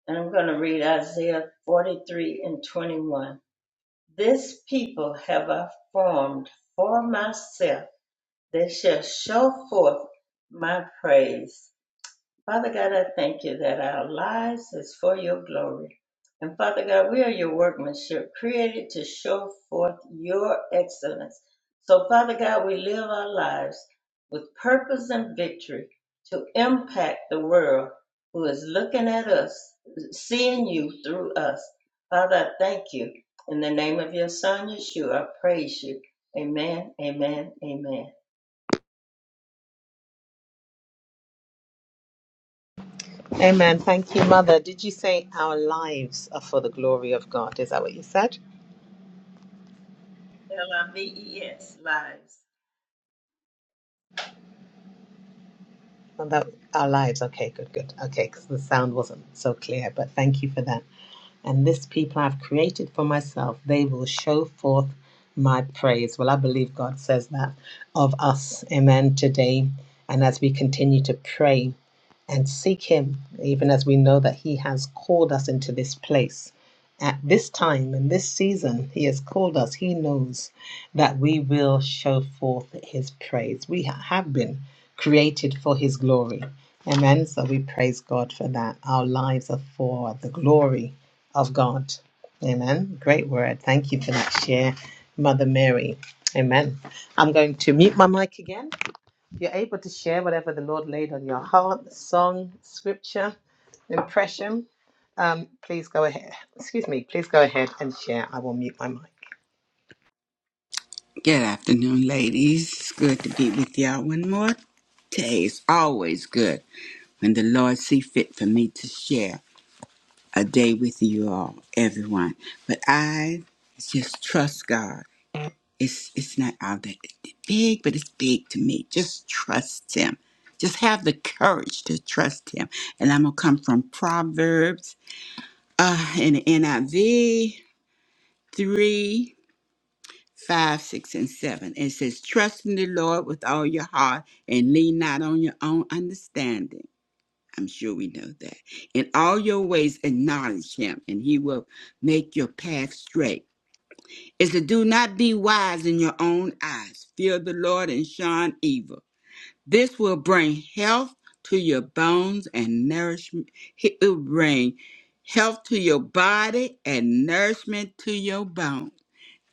And I'm going to read Isaiah 43 and 21. This people have I formed for myself; they shall show forth my praise. Father God, I thank you that our lives is for your glory. And Father God, we are your workmanship, created to show forth your excellence. So, Father God, we live our lives with purpose and victory to impact the world who is looking at us, seeing you through us. Father, I thank you. In the name of your Son, Yeshua, I praise you. Amen, amen, amen.
Amen. Thank you, Mother. Did you say our lives are for the glory of God? Is that what you said?
L I V E S, lives.
Oh, that- our lives. Okay, good, good. Okay, because the sound wasn't so clear, but thank you for that. and this people I've created for myself, they will show forth my praise. Well, I believe God says that of us. Amen. Today, and as we continue to pray and seek Him, even as we know that He has called us into this place. At this time in this season, He has called us. He knows that we will show forth His praise. We have been created for His glory. Amen. So we praise God for that. Our lives are for the glory of God. Amen. Great word. Thank you for that share, Mother Mary. Amen. I'm going to mute my mic again. You're able to share whatever the Lord laid on your heart, song, scripture, impression. Um, please go ahead. Excuse me. Please go ahead and share. I will mute my mic.
Good afternoon, ladies. It's good to be with y'all one more day. It's always good when the Lord see fit for me to share a day with you all, everyone. But I just trust God. It's it's not all that big, but it's big to me. Just trust Him. Just have the courage to trust Him. And I'm gonna come from Proverbs uh, in the NIV three. 5, 6, and 7. And it says, Trust in the Lord with all your heart and lean not on your own understanding. I'm sure we know that. In all your ways, acknowledge him, and he will make your path straight. Is to do not be wise in your own eyes. Fear the Lord and shun evil. This will bring health to your bones and nourishment. It will bring health to your body and nourishment to your bones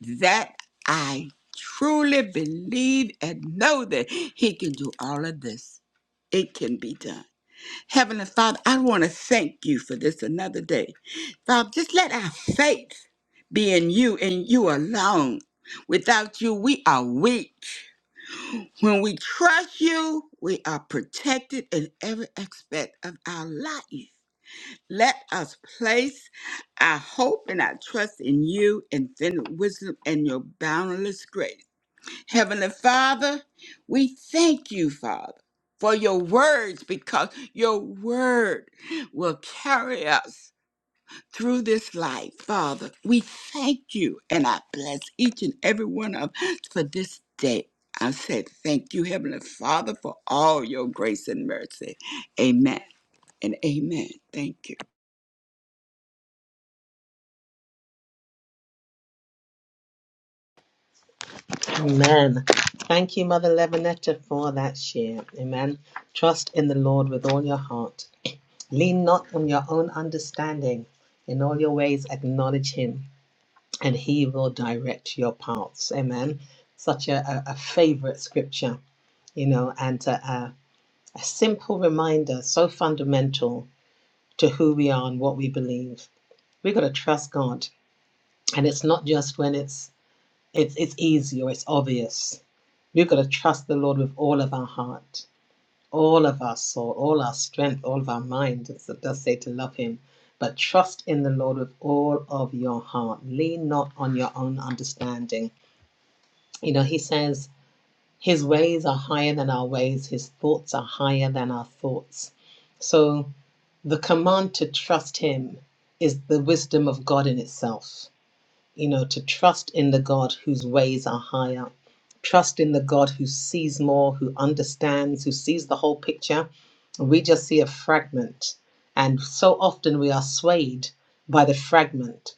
that I truly believe and know that He can do all of this. It can be done. Heavenly Father, I want to thank you for this another day. Father, just let our faith be in you and you alone. Without you, we are weak. When we trust you, we are protected in every aspect of our life. Let us place our hope and our trust in you, infinite wisdom, and your boundless grace. Heavenly Father, we thank you, Father, for your words because your word will carry us through this life, Father. We thank you, and I bless each and every one of us for this day. I said, Thank you, Heavenly Father, for all your grace and mercy. Amen and amen. Thank you.
Amen. Thank you, Mother Levinetta, for that share. Amen. Trust in the Lord with all your heart. Lean not on your own understanding. In all your ways, acknowledge Him and he will direct your paths. Amen. Such a, a, a favorite scripture, you know, and a, a, a simple reminder, so fundamental to who we are and what we believe. We've got to trust God. And it's not just when it's it's it's easy or it's obvious. We've got to trust the Lord with all of our heart, all of our soul, all our strength, all of our mind. It does say to love Him, but trust in the Lord with all of your heart. Lean not on your own understanding You know, he says, His ways are higher than our ways, His thoughts are higher than our thoughts. So the command to trust Him is the wisdom of God in itself. You know, to trust in the God whose ways are higher, trust in the God who sees more, who understands, who sees the whole picture. We just see a fragment. And so often we are swayed by the fragment.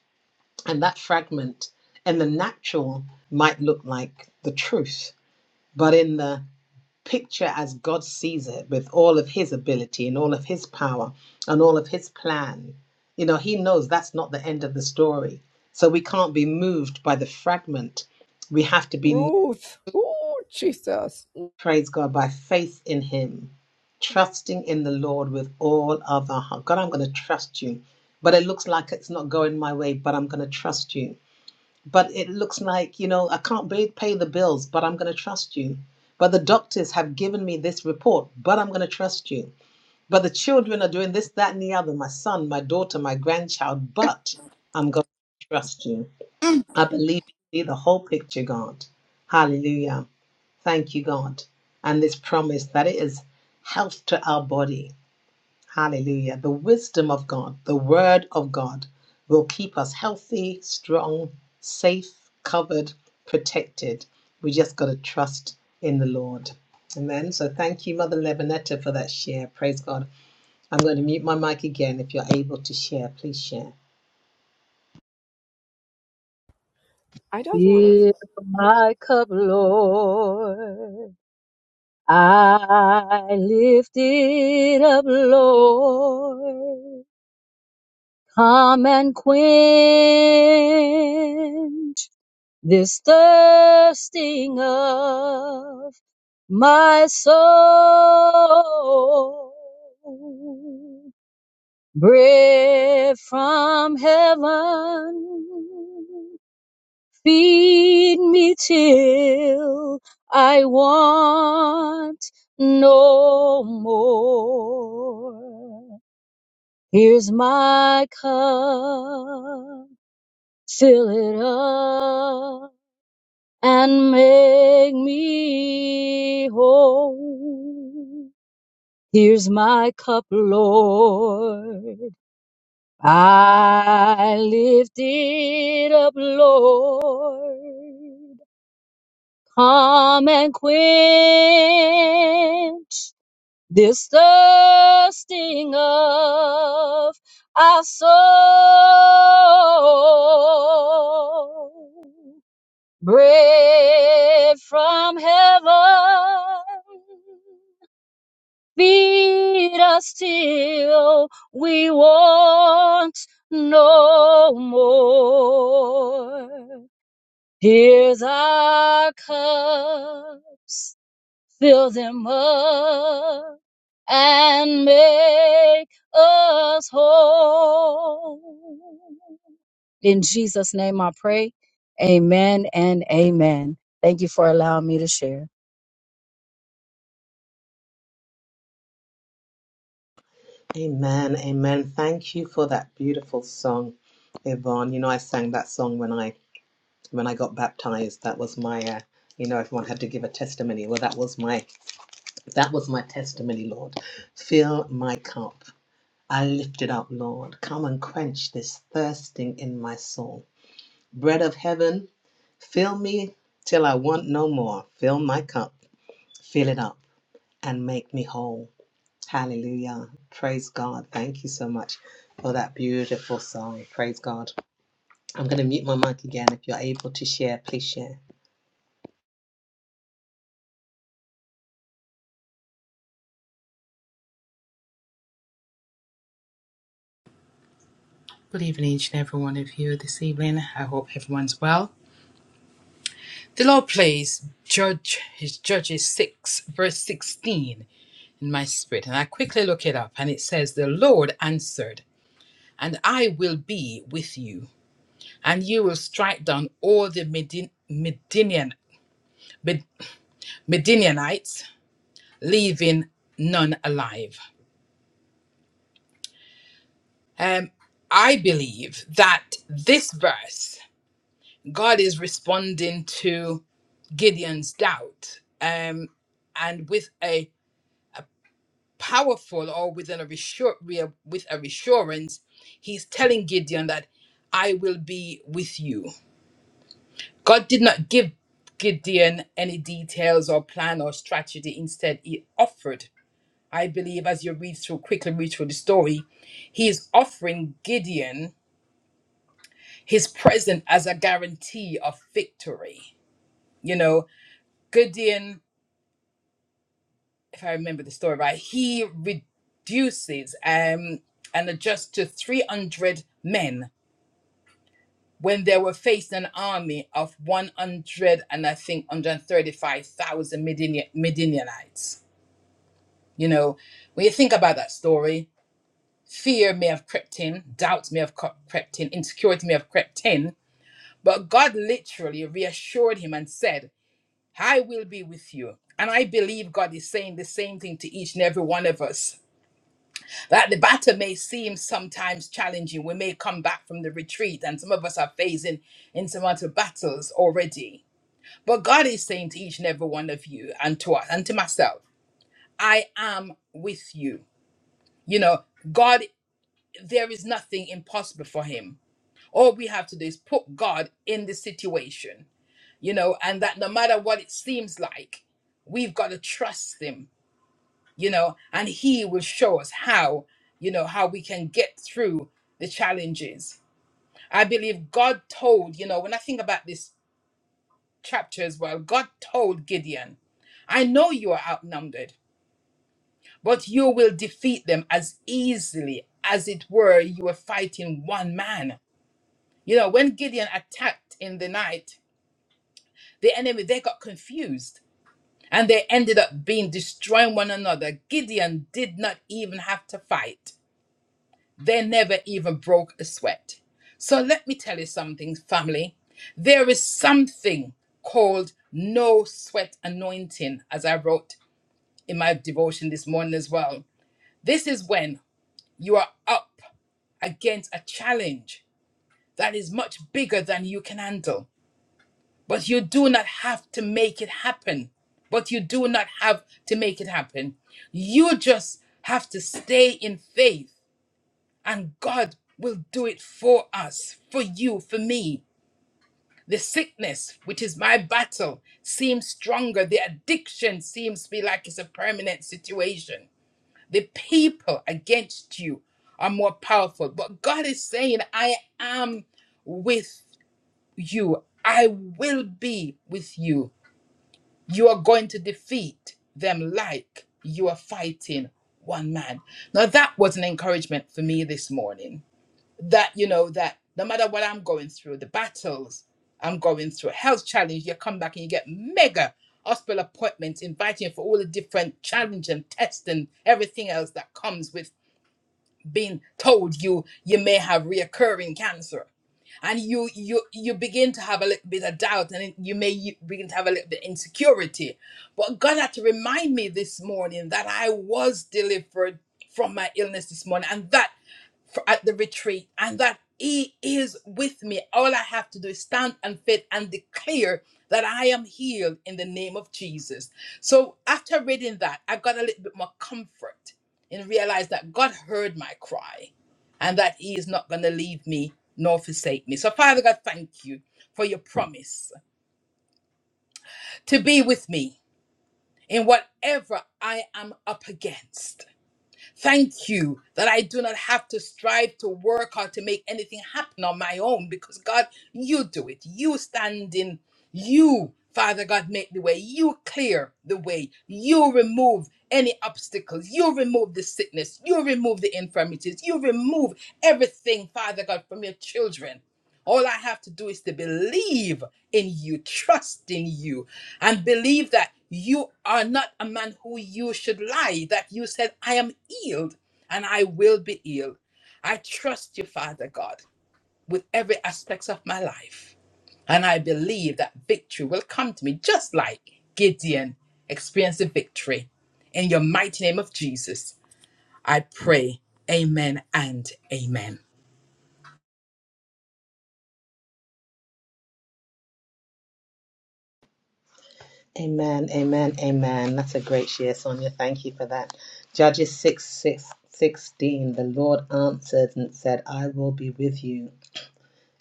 And that fragment in the natural might look like the truth but in the picture as God sees it with all of his ability and all of his power and all of his plan. You know, he knows that's not the end of the story. So we can't be moved by the fragment. We have to be,
Ruth. Oh, Jesus.
praise God, by faith in him, trusting in the Lord with all of our heart. God, I'm going to trust you. But it looks like it's not going my way, but I'm going to trust you but it looks like you know i can't ba- pay the bills but i'm going to trust you but the doctors have given me this report but i'm going to trust you but the children are doing this that and the other my son my daughter my grandchild but i'm going to trust you i believe you see the whole picture god hallelujah thank you god and this promise that it is health to our body Hallelujah. The wisdom of God, the word of God will keep us healthy, strong, safe, covered, protected. We just got to trust in the Lord. Amen. So thank you, Mother Lebanetta, for that share. Praise God. I'm going to mute my mic again. If you're able to share, please share.
Fill my cup, Lord. I lift it up, Lord. Come and quench this thirsting of my soul. Bread from heaven Feed me till I want no more. Here's my cup, fill it up and make me whole. Here's my cup, Lord. I lift it up, Lord. Come and quench this thirsting of our soul. Bread from heaven, feed us till we want no more. Here's our cups fill them up and make us whole. In Jesus' name I pray. Amen and amen. Thank you for allowing me to share.
Amen. Amen. Thank you for that beautiful song, Yvonne. You know, I sang that song when I when I got baptized. That was my, uh, you know, everyone had to give a testimony. Well, that was my That was my testimony, Lord. Fill my cup. I lift it up, Lord. Come and quench this thirsting in my soul. Bread of heaven, fill me till I want no more. Fill my cup, fill it up, and make me whole. Hallelujah. Praise God. Thank you so much for that beautiful song. Praise God. I'm going to mute my mic again. If you're able to share, please share.
Good evening, each and every one of you this evening. Well. The Lord plays Judge, his Judges 6, verse 16 in my spirit. And I quickly look it up and it says, The Lord answered, and I will be with you, and you will strike down all the Medin- Medinian, Med- Medinianites, leaving none alive. Um, I believe that this verse, God is responding to Gideon's doubt. Um, and with a powerful or within a reassure, rea- with a reassurance, he's telling Gideon that I will be with you. God did not give Gideon any details or plan or strategy. Instead, he offered. I believe as you read through, quickly read through the story, he is offering Gideon his present as a guarantee of victory. You know, Gideon, if I remember the story right, he reduces um, and adjusts to 300 men when they were faced an army of 100 and I think 135,000 Midian- Midianites. You know, when you think about that story, fear may have crept in, doubt may have cre- crept in, insecurity may have crept in, but God literally reassured him and said, I will be with you. And I believe God is saying the same thing to each and every one of us. That the battle may seem sometimes challenging. We may come back from the retreat, and some of us are facing in some other battles already But God is saying to each and every one of you and to us and to myself, I am with you. You know, God, there is nothing impossible for him. All we have to do is put God in the situation, you know, and that no matter what it seems like, we've got to trust him, you know, and he will show us how, you know, how we can get through the challenges. I believe God told, you know, when I think about this chapter as well, God told Gideon, I know you are outnumbered. but you will defeat them as easily as it were you were fighting one man. You know, when Gideon attacked in the night, the enemy they got confused and they ended up being destroying one another. Gideon did not even have to fight. They never even broke a sweat. So let me tell you something, family. There is something called no sweat anointing, as I wrote in my devotion this morning as well. This is when You are up against a challenge that is much bigger than you can handle. But you do not have to make it happen. But you do not have to make it happen. You just have to stay in faith, and God will do it for us, for you, for me. The sickness, which is my battle, seems stronger. The addiction seems to be like it's a permanent situation. The people against you are more powerful. But God is saying, I am with you. I will be with you. You are going to defeat them like you are fighting one man. Now, that was an encouragement for me this morning that, you know, that no matter what I'm going through, the battles I'm going through, health challenge, you come back and you get mega hospital appointments inviting you for all the different challenge and tests and everything else that comes with been told you you may have reoccurring cancer and you you you begin to have a little bit of doubt and you may you begin to have a little bit of insecurity but god had to remind me this morning that i was delivered from my illness this morning and that for, at the retreat and that he is with me all i have to do is stand and faith and declare that i am healed in the name of jesus so after reading that i got a little bit more comfort and realized that god heard my cry and that he is not going to leave me nor forsake me so father god thank you for your promise to be with me in whatever i am up against Thank you that I do not have to strive to work or to make anything happen on my own because, God, you do it. You stand in. You, Father God, make the way. You clear the way. You remove any obstacles. You remove the sickness. You remove the infirmities. You remove everything, Father God, from your children. All I have to do is to believe in you, trust in you, and believe that you are not a man who you should lie, that you said, I am healed and I will be healed. I trust you, Father God, with every aspect of my life. And I believe that victory will come to me, just like Gideon experienced the victory. In your mighty name of Jesus, I pray. Amen and amen.
Amen, amen, amen. That's a great share, Sonia. Thank you for that. Judges 6, 6, 16. The Lord answered and said, I will be with you,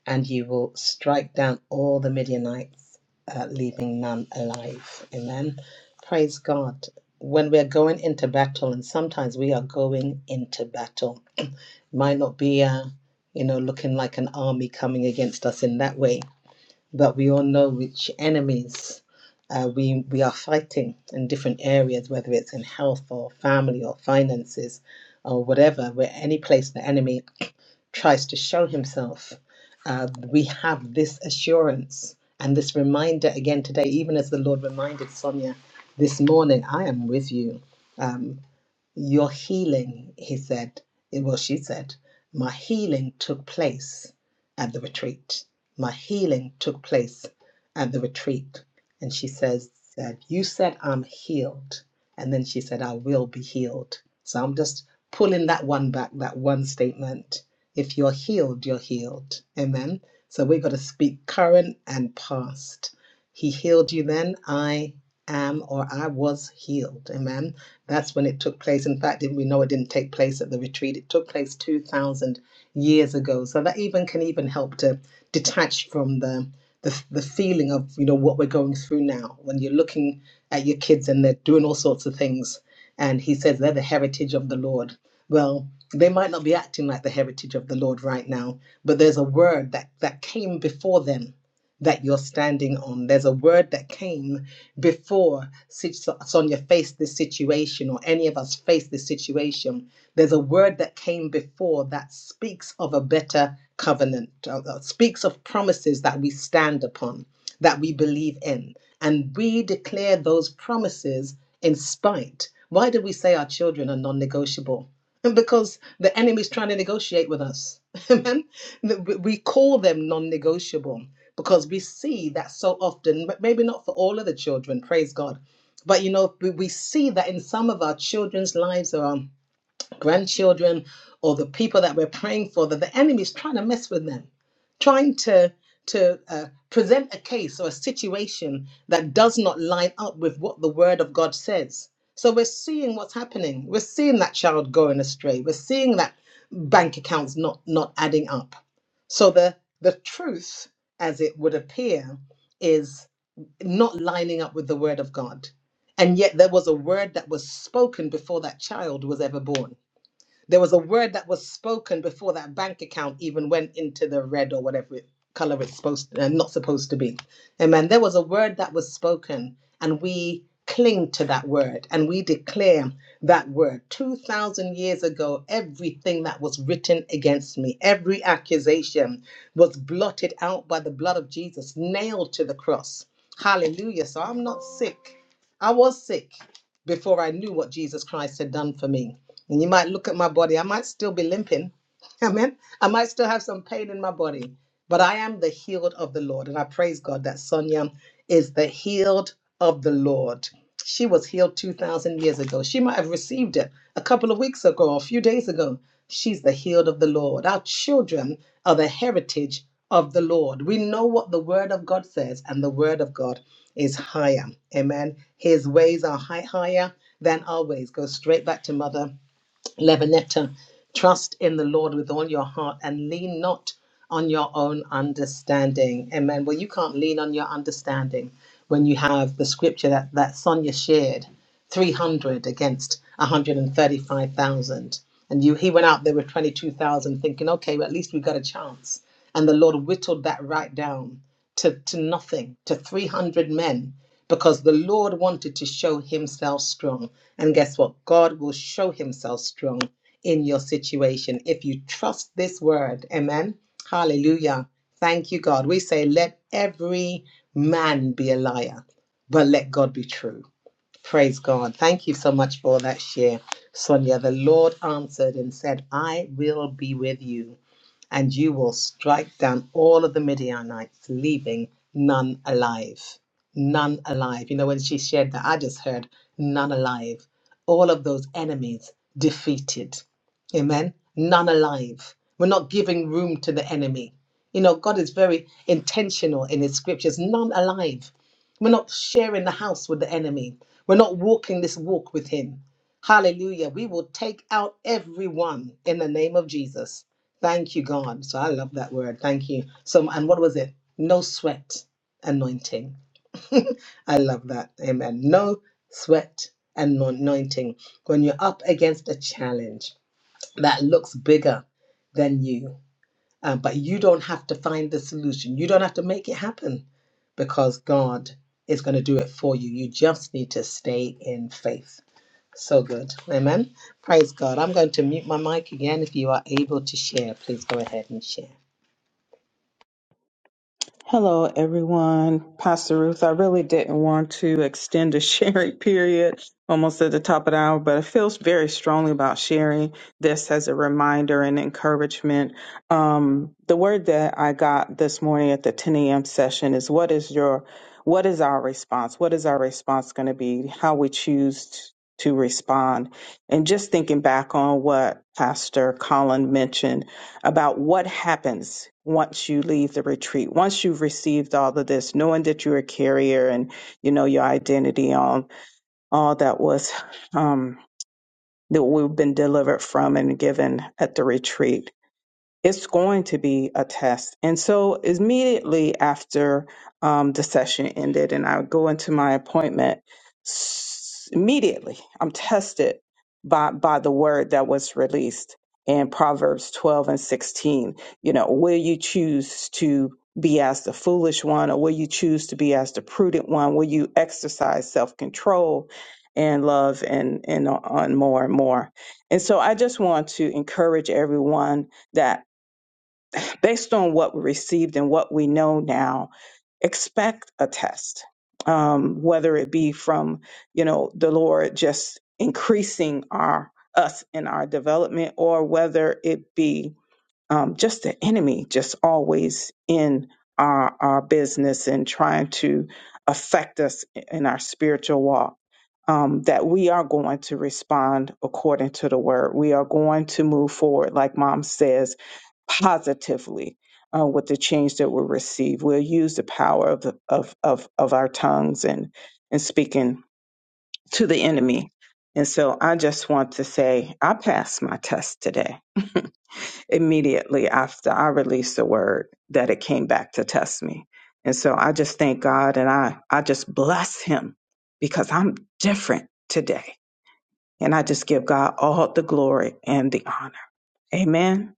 and you will strike down all the Midianites, uh, leaving none alive. Amen. Praise God. When we're going into battle, and sometimes we are going into battle, might not be, uh, you know, looking like an army coming against us in that way but we all know which enemies uh, we we are fighting in different areas, whether it's in health or family or finances or whatever, where any place the enemy tries to show himself, uh, we have this assurance and this reminder again today, even as the Lord reminded Sonia this morning, I am with you. Um, your healing, he said, eh, well, she said, my healing took place at the retreat. My healing took place at the retreat. And she says, said, You said I'm healed. And then she said, I will be healed. So I'm just pulling that one back, that one statement. If you're healed, you're healed. Amen. So we've got to speak current and past. He healed you then. I am or I was healed. Amen that's when it took place. In fact, we know it didn't take place at the retreat. It took place 2,000 years ago. So that even can even help to detach from the, the the feeling of you know what we're going through now. When you're looking at your kids and they're doing all sorts of things, and he says they're the heritage of the Lord. Well, they might not be acting like the heritage of the Lord right now, but there's a word that that came before them that you're standing on. There's a word that came before Si- Sonia faced this situation, or any of us faced this situation. There's a word that came before that speaks of a better covenant, uh, uh, speaks of promises that we stand upon, that we believe in. And we declare those promises in spite. Why do we say our children are non negotiable? Because the enemy's trying to negotiate with us. Amen that we we call them non-negotiable because we see that so often but maybe not for all of the children praise god but you know we we see that in some of our children's lives grandchildren or the people that we're praying for that the enemy is trying to mess with them trying to to uh, present a case or a situation that does not line up with what the word of god says so we're seeing what's happening we're seeing that child going astray we're seeing that bank accounts not not adding up so the the truth as it would appear is not lining up with the word of god and yet there was a word that was spoken before that child was ever born there was a word that was spoken before that bank account even went into the red or whatever it, color it's supposed to, uh, not supposed to be. Amen. There was a word that was spoken, and we cling to that word and we declare that word 2000 years ago everything that was written against me every accusation was blotted out by the blood of Jesus nailed to the cross hallelujah so i'm not sick i was sick before i knew what Jesus Christ had done for me and you might look at my body. I might still be limping. Amen. I might still have some pain in my body, but I am the healed of the Lord. And I praise God that Sonia is the healed of the Lord. She was healed 2,000 years ago. She might have received it a couple of weeks ago or a few days ago. She's the healed of the Lord. Our children are the heritage of the Lord. We know what the word of God says, and the word of God is higher. Amen. His ways are high, higher than our ways. Go straight back to Mother Lebanetta, trust in the Lord with all your heart and lean not on your own understanding. Amen. Well, you can't lean on your understanding when you have the scripture that, that Sonia shared 300 against 135,000. And thirty-five thousand. And you, he went out there with 22,000 thinking, okay, well, at least we got a chance. And the Lord whittled that right down to, to nothing, to 300 men because the Lord wanted to show himself strong. And guess what? God will show himself strong in your situation if you trust this word. Amen. Hallelujah. Thank you, God. We say, let every man be a liar, but let God be true. Praise God. Thank you so much for that share, Sonia. The Lord answered and said, I will be with you and you will strike down all of the Midianites, leaving none alive. None alive. You know, when she shared that, I just heard none alive. All of those enemies defeated. Amen. None alive. We're not giving room to the enemy. You know, God is very intentional in his scriptures. None alive. We're not sharing the house with the enemy. We're not walking this walk with him. Hallelujah. We will take out everyone in the name of Jesus Thank you, God. So I love that word. Thank you. So, and what was it? No sweat anointing. I love that. Amen. No sweat anointing. When you're up against a challenge that looks bigger than you, uh, but you don't have to find the solution, you don't have to make it happen because God is going to do it for you. You just need to stay in faith. So good. Amen. Praise God. I'm going to mute my mic again. If you are able to share, please go ahead and share.
Hello, everyone. Pastor Ruth, I really didn't want to extend the sharing period almost at the top of the hour, but I feel very strongly about sharing this as a reminder and encouragement. Um, the word that I got this morning at the 10 a.m. session is what is your, what is our response? What is our response going to be? How we choose t- to respond? And just thinking back on what Pastor Colin mentioned about what happens once you leave the retreat, once you've received all of this, knowing that you're a carrier and you know your identity on all that was um, that we've been delivered from and given at the retreat it's going to be a test. And so immediately after um, the session ended and I go into my appointment, s- immediately I'm tested by, by the word that was released in Proverbs 12 and 16. You know, will you choose to be as the foolish one or will you choose to be as the prudent one? Will you exercise self control? And love and and on more and more, and so I just want to encourage everyone that based on what we received and what we know now, expect a test, um, whether it be from, you know, the Lord just increasing our us in our development, or whether it be um, just the enemy just always in our our business and trying to affect us in our spiritual walk. Um, that we are going to respond according to the word. We are going to move forward, like mom says, positively uh, with the change that we'll receive. We'll use the power of, the, of, of, of our tongues and, and speaking to the enemy. And so I just want to say, I passed my test today. Immediately after I released the word, that it came back to test me. And so I just thank God and I, I just bless Him because I'm different today. And I just give God all the glory and the honor. Amen.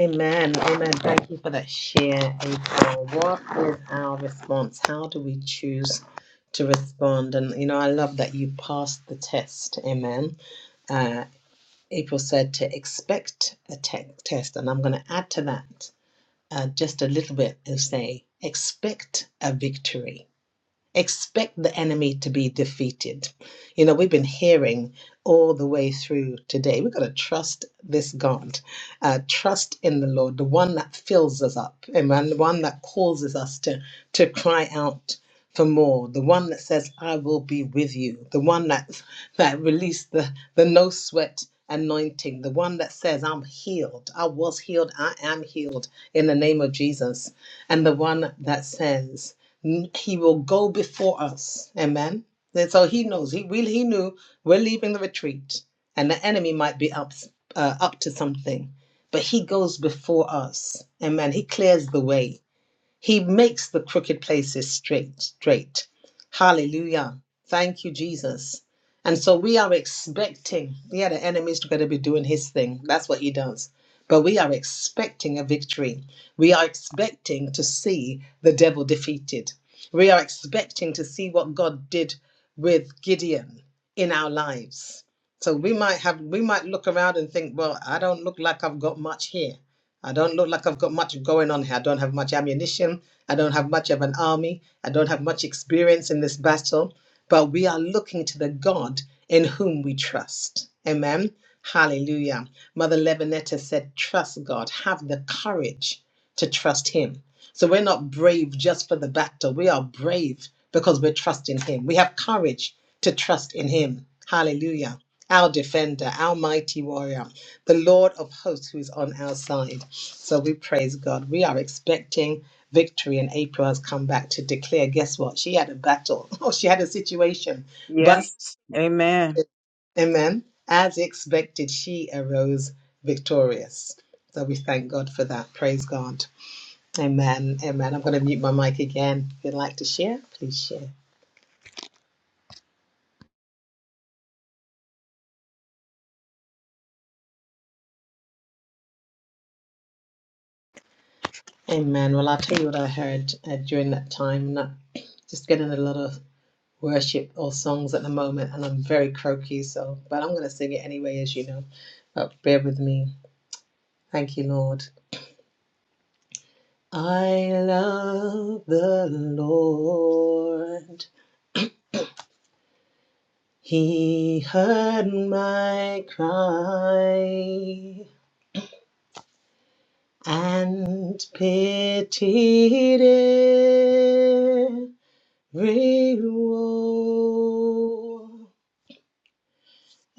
Amen. Amen. Thank you for that share, April. What is our response? How do we choose to respond? And, you know, I love that you passed the test. Amen. Uh, April said to expect a te- test. And I'm going to add to that uh, just a little bit and say expect a victory expect the enemy to be defeated. You know, we've been hearing all the way through today. We've got to trust this God, uh, trust in the Lord, the one that fills us up, and the one that causes us to, to cry out for more, the one that says, I will be with you, the one that, that released the, the no sweat anointing, the one that says, I'm healed, I was healed, I am healed in the name of Jesus, and the one that says, he will go before us amen and so he knows he really he knew we're leaving the retreat and the enemy might be up uh, up to something but he goes before us amen he clears the way he makes the crooked places straight, straight. Hallelujah. Thank you, Jesus. And so we are expecting, yeah, the enemy's going to be doing his thing. That's what he does. But we are expecting a victory. We are expecting to see the devil defeated. We are expecting to see what God did with Gideon in our lives. So we might have, we might look around and think, well, I don't look like I've got much here. I don't look like I've got much going on here. I don't have much ammunition. I don't have much of an army. I don't have much experience in this battle. But we are looking to the God in whom we trust. Amen. Hallelujah. Mother Levinetta said, Trust God. Have the courage to trust Him. So we're not brave just for the battle. We are brave because we're trusting Him. We have courage to trust in Him. Hallelujah. Our defender, our mighty warrior, the Lord of hosts who is on our side. So we praise God. We are expecting victory, and April has come back to declare guess what? She had a battle, or she had a situation. But,
Yes. Amen.
amen, as expected, she arose victorious. So we thank God for that. Praise God. Amen. Amen. I'm going to mute my mic again. If you'd like to share, please share. Amen. Well, I'll tell you what I heard uh, during that time. Not just getting a lot of worship or songs at the moment, and I'm very croaky, so, but I'm going to sing it anyway, as you know. But bear with me. Thank you, Lord. I love the Lord. He heard my cry and pitied every woe.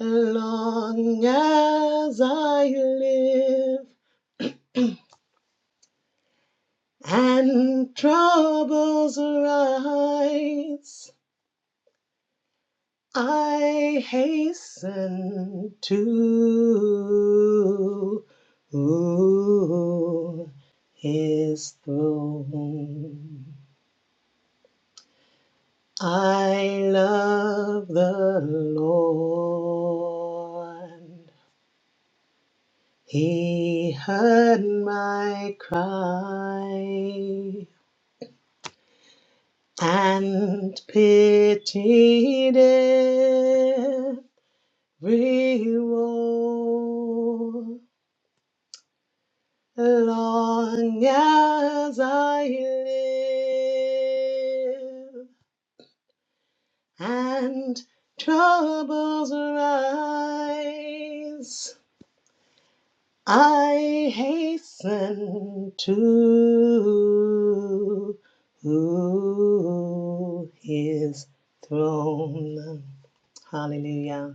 Long as I live and troubles rise, I hasten to his throne. I love the Lord. He heard my cry and pitied every woe. Long as I live and troubles rise. I hasten to his throne. Hallelujah.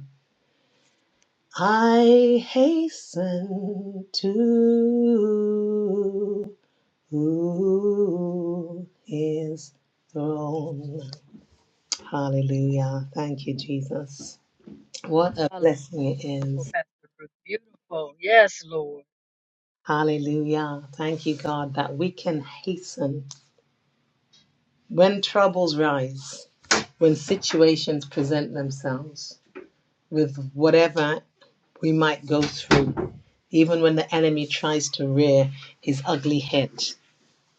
I hasten to his throne. Hallelujah. Thank you, Jesus. What a blessing it
Wonderful,
is.
Pastor Ruth. Beautiful. Yes, Lord.
Hallelujah. Thank you, God, that we can hasten. When troubles rise, when situations present themselves with whatever we might go through, even when the enemy tries to rear his ugly head,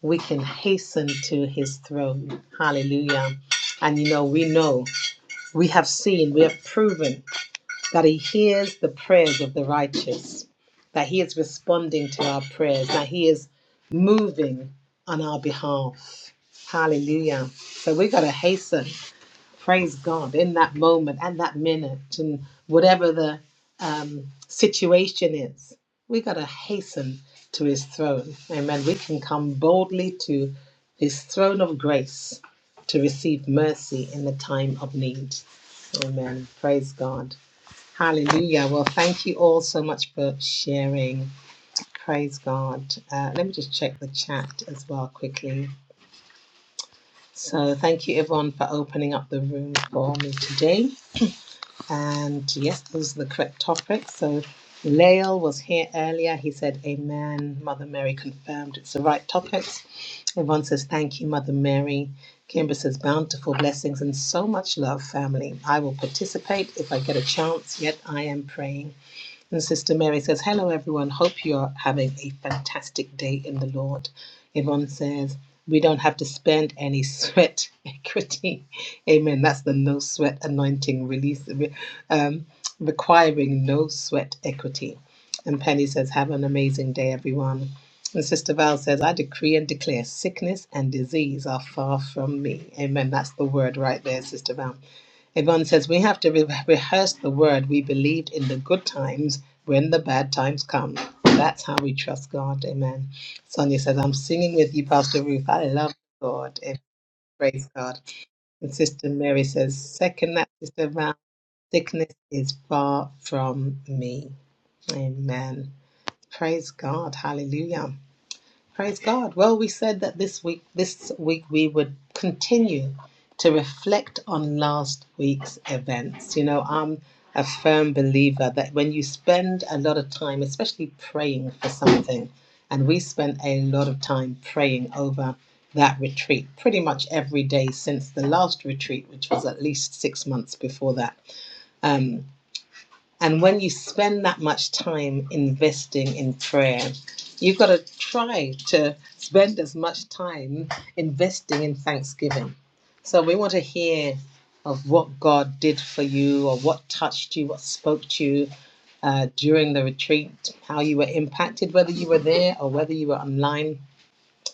we can hasten to his throne. Hallelujah. And you know, we know, we have seen, we have proven that he hears the prayers of the righteous, that he is responding to our prayers, that he is moving on our behalf. Hallelujah. So we got to hasten praise God in that moment, and that minute, and whatever the um, situation is, we got to hasten to his throne. Amen. We can come boldly to his throne of grace to receive mercy in the time of need. Amen. Praise God. Hallelujah. Well, thank you all so much for sharing. Praise God. Uh, let me just check the chat as well quickly. So, thank you everyone for opening up the room for me today. And yes, those are the correct topics. So Lael was here earlier. He said, Amen. Mother Mary confirmed it's the right topics. Yvonne says, Thank you, Mother Mary. Kimber says, Bountiful blessings and so much love, family. I will participate if I get a chance, yet I am praying. And Sister Mary says, Hello, everyone. Hope you're having a fantastic day in the Lord. Yvonne says, We don't have to spend any sweat equity. Amen. That's the no sweat anointing release, um, requiring no sweat equity. And Penny says, Have an amazing day, everyone. And Sister Val says, I decree and declare sickness and disease are far from me. Amen. That's the word right there, Sister Val. Yvonne says, We have to re- rehearse the word we believed in the good times when the bad times come. That's how we trust God. Amen. Sonia says, I'm singing with you, Pastor Ruth. I love God. Amen. Praise God. And Sister Mary says, Second that, Sister Val, sickness is far from me. Amen. Praise God. Hallelujah. Praise God. Well, we said that this week this week we would continue to reflect on last week's events. You know, I'm a firm believer that when you spend a lot of time, especially praying for something, and we spent a lot of time praying over that retreat pretty much every day since the last retreat, which was at least six months before that. Um, and when you spend that much time investing in prayer, you've got to try to spend as much time investing in thanksgiving. So we want to hear of what God did for you, or what touched you, what spoke to you uh, during the retreat, how you were impacted, whether you were there or whether you were online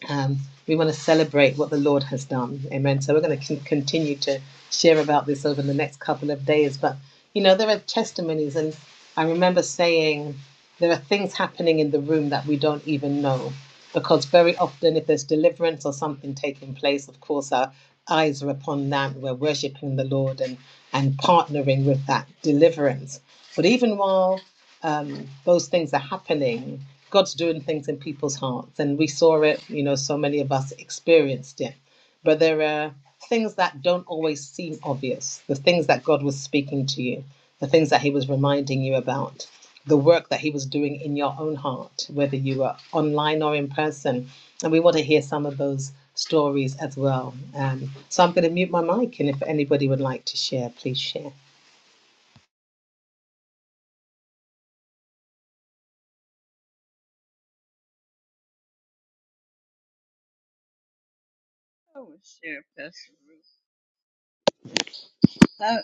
um, we want to celebrate what the Lord has done. Amen. So we're going to continue to share about this over the next couple of days. But, you know, there are testimonies, and I remember saying there are things happening in the room that we don't even know. Because very often, if there's deliverance or something taking place, of course, our eyes are upon that. We're worshiping the Lord and, and partnering with that deliverance. But even while um, those things are happening. God's doing things in people's hearts, and we saw it. You know, so many of us experienced it. But there are things that don't always seem obvious. The things that God was speaking to you, the things that He was reminding you about, the work that He was doing in your own heart, whether you were online or in person. And we want to hear some of those stories as well. Um, so I'm going to mute my mic, and if anybody would like to share, please share.
I will share, Pastor Ruth. I,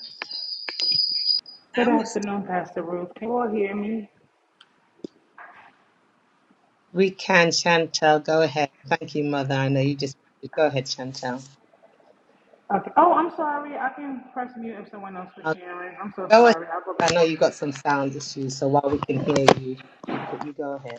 Good
I was
afternoon, Pastor Ruth. Can you all hear me?
We can, Chantel. Go ahead. Thank you, Mother. I know you just go ahead, Chantel.
Okay. Oh, I'm sorry. I can press mute if someone else was
I'll
sharing. I'm so
go ahead.
sorry. I'll go
I
back
know
on
you
mute.
got some sound issues, so while we can hear you, you could you go ahead.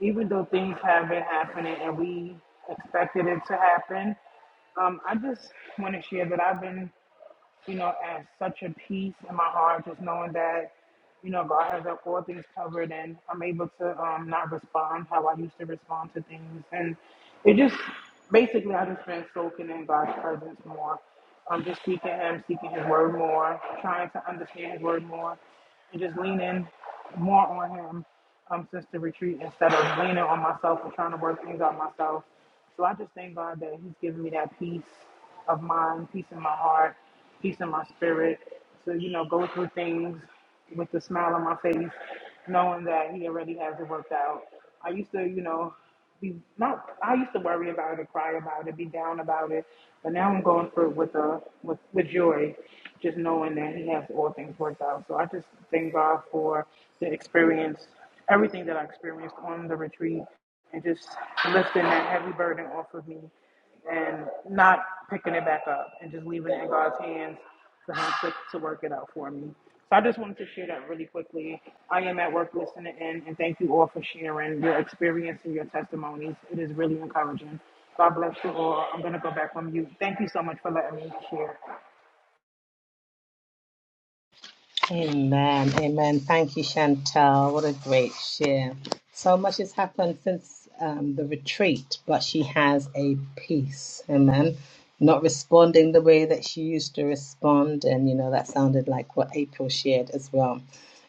Even though things have been happening and we expected it to happen, um, I just want to share that I've been. you know, as such a peace in my heart, just knowing that, you know, God has all things covered and I'm able to um, not respond how I used to respond to things. And it just, basically, I just been soaking in God's presence more. Um, just seeking Him, seeking His word more, trying to understand His word more, and just leaning more on Him um, since the retreat instead of leaning on myself and trying to work things out myself. So I just thank God that He's given me that peace of mind, peace in my heart, peace in my spirit. To you know, go through things with a smile on my face, knowing that He already has it worked out. I used to, you know, be not. I used to worry about it, cry about it, be down about it, but now I'm going through it with a with with joy, just knowing that He has all things worked out. So I just thank God for the experience, everything that I experienced on the retreat and just lifting that heavy burden off of me and not picking it back up and just leaving it in God's hands for Him to, to work it out for me. So I just wanted to share that really quickly. I am at work listening in, and thank you all for sharing your experience and your testimonies. It is really encouraging. God bless you all. I'm going to go back on mute. Thank you so much for letting me share.
Amen. Amen. Thank you, Chantel. What a great share. So much has happened since um, the retreat, but she has a peace. Amen. Not responding the way that she used to respond. And, you know, that sounded like what April shared as well.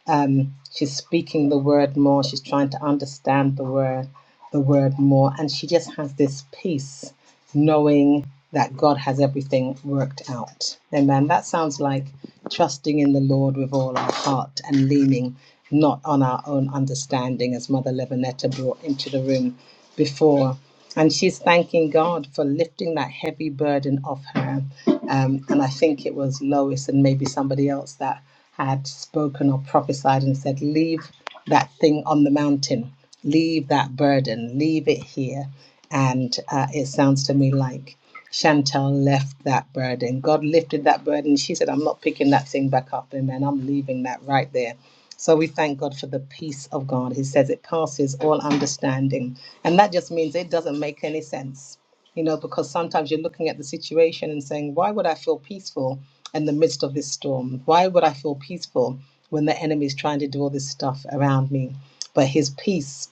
Um, she's speaking the word more. She's trying to understand the word, the word more. And she just has this peace knowing that God has everything worked out. Amen. That sounds like trusting in the Lord with all our heart and leaning not on our own understanding, as Mother Levinetta brought into the room before. And she's thanking God for lifting that heavy burden off her. Um, and I think it was Lois and maybe somebody else that had spoken or prophesied and said, Leave that thing on the mountain, leave that burden, leave it here. And uh, it sounds to me like Chantal left that burden. God lifted that burden. She said, I'm not picking that thing back up. Amen. I'm leaving that right there. So we thank God for the peace of God. He says it passes all understanding. And that just means it doesn't make any sense, you know, because sometimes you're looking at the situation and saying, why would I feel peaceful in the midst of this storm? Why would I feel peaceful when the enemy is trying to do all this stuff around me? But his peace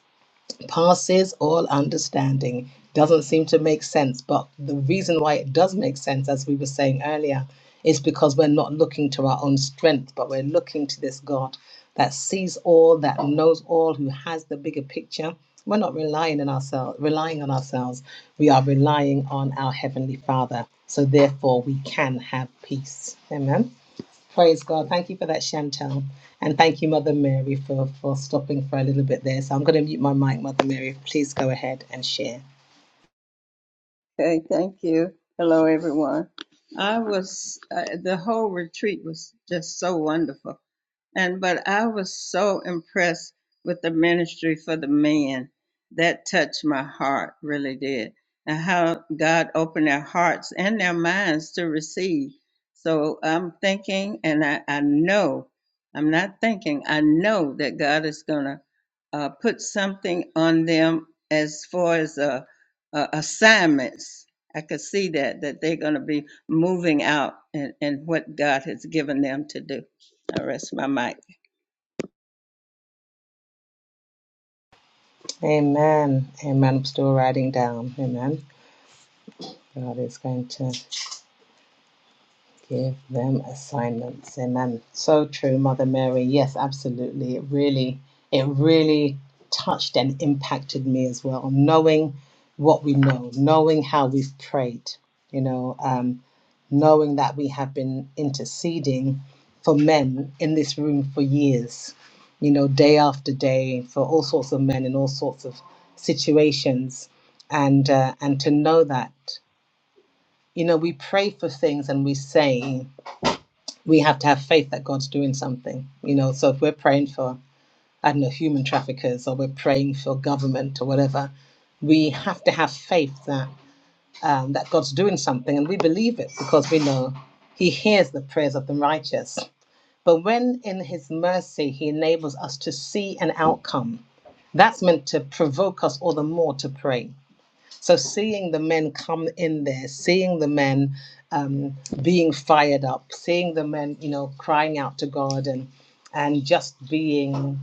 passes all understanding. Doesn't seem to make sense, but the reason why it does make sense, as we were saying earlier, is because we're not looking to our own strength, but we're looking to this God that sees all, that knows all, who has the bigger picture. We're not relying on ourselves, relying on ourselves. We are relying on our heavenly Father. So therefore, we can have peace. Amen. Praise God. Thank you for that, Chantel. And thank you, Mother Mary, for, for stopping for a little bit there. So I'm going to mute my mic, Mother Mary. Please go ahead and share.
Okay, thank you. Hello, everyone. I was uh, the whole retreat was just so wonderful. And but I was so impressed with the ministry for the men. That touched my heart, really did. And how God opened their hearts and their minds to receive. So I'm thinking, and I, I know, I'm not thinking, I know that God is going to uh, put something on them as far as uh, uh, assignments. I could see that, that they're going to be moving out and, and what God has given them to do. I rest my mic.
Amen. Amen. I'm still writing down. Amen. God is going to. Give them assignments. Amen. So true, Mother Mary. Yes, absolutely. It really, it really touched and impacted me as well. Knowing what we know, knowing how we've prayed, you know, um, knowing that we have been interceding for men in this room for years, you know, day after day for all sorts of men in all sorts of situations. And, uh, and to know that, you know, we pray for things and we say, we have to have faith that God's doing something, you know. So if we're praying for, I don't know, human traffickers or we're praying for government or whatever, we have to have faith that um, that God's doing something, and we believe it because we know He hears the prayers of the righteous. But when in His mercy He enables us to see an outcome, that's meant to provoke us all the more to pray so seeing the men come in there, seeing the men um, being fired up, seeing the men, you know, crying out to God and and just being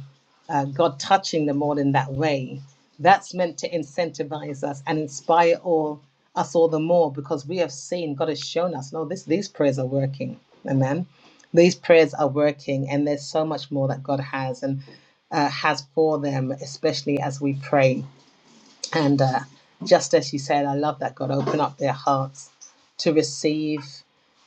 uh, God touching them all in that way, that's meant to incentivize us and inspire all us all the more because we have seen God has shown us no this these prayers are working amen these prayers are working and there's so much more that God has and uh, has for them especially as we pray and uh, just as you said, I love that God open up their hearts to receive.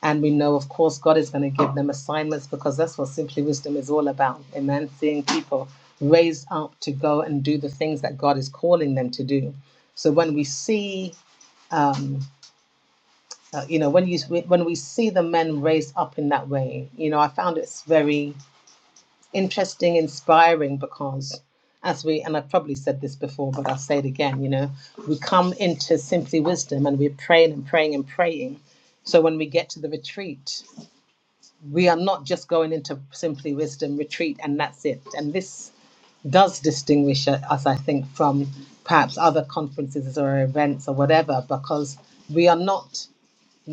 And we know, of course, God is going to give them assignments because that's what Simply Wisdom is all about. Amen. Seeing people raised up to go and do the things that God is calling them to do. So when we see, um, uh, you know, when you when we see the men raised up in that way, you know, I found it's very interesting, inspiring because as we and I've probably said this before, but I'll say it again, you know, we come into simply wisdom and we're praying and praying and praying. So when we get to the retreat, we are not just going into simply wisdom retreat and that's it. And this does distinguish us, I think, from perhaps other conferences or events or whatever, because we are not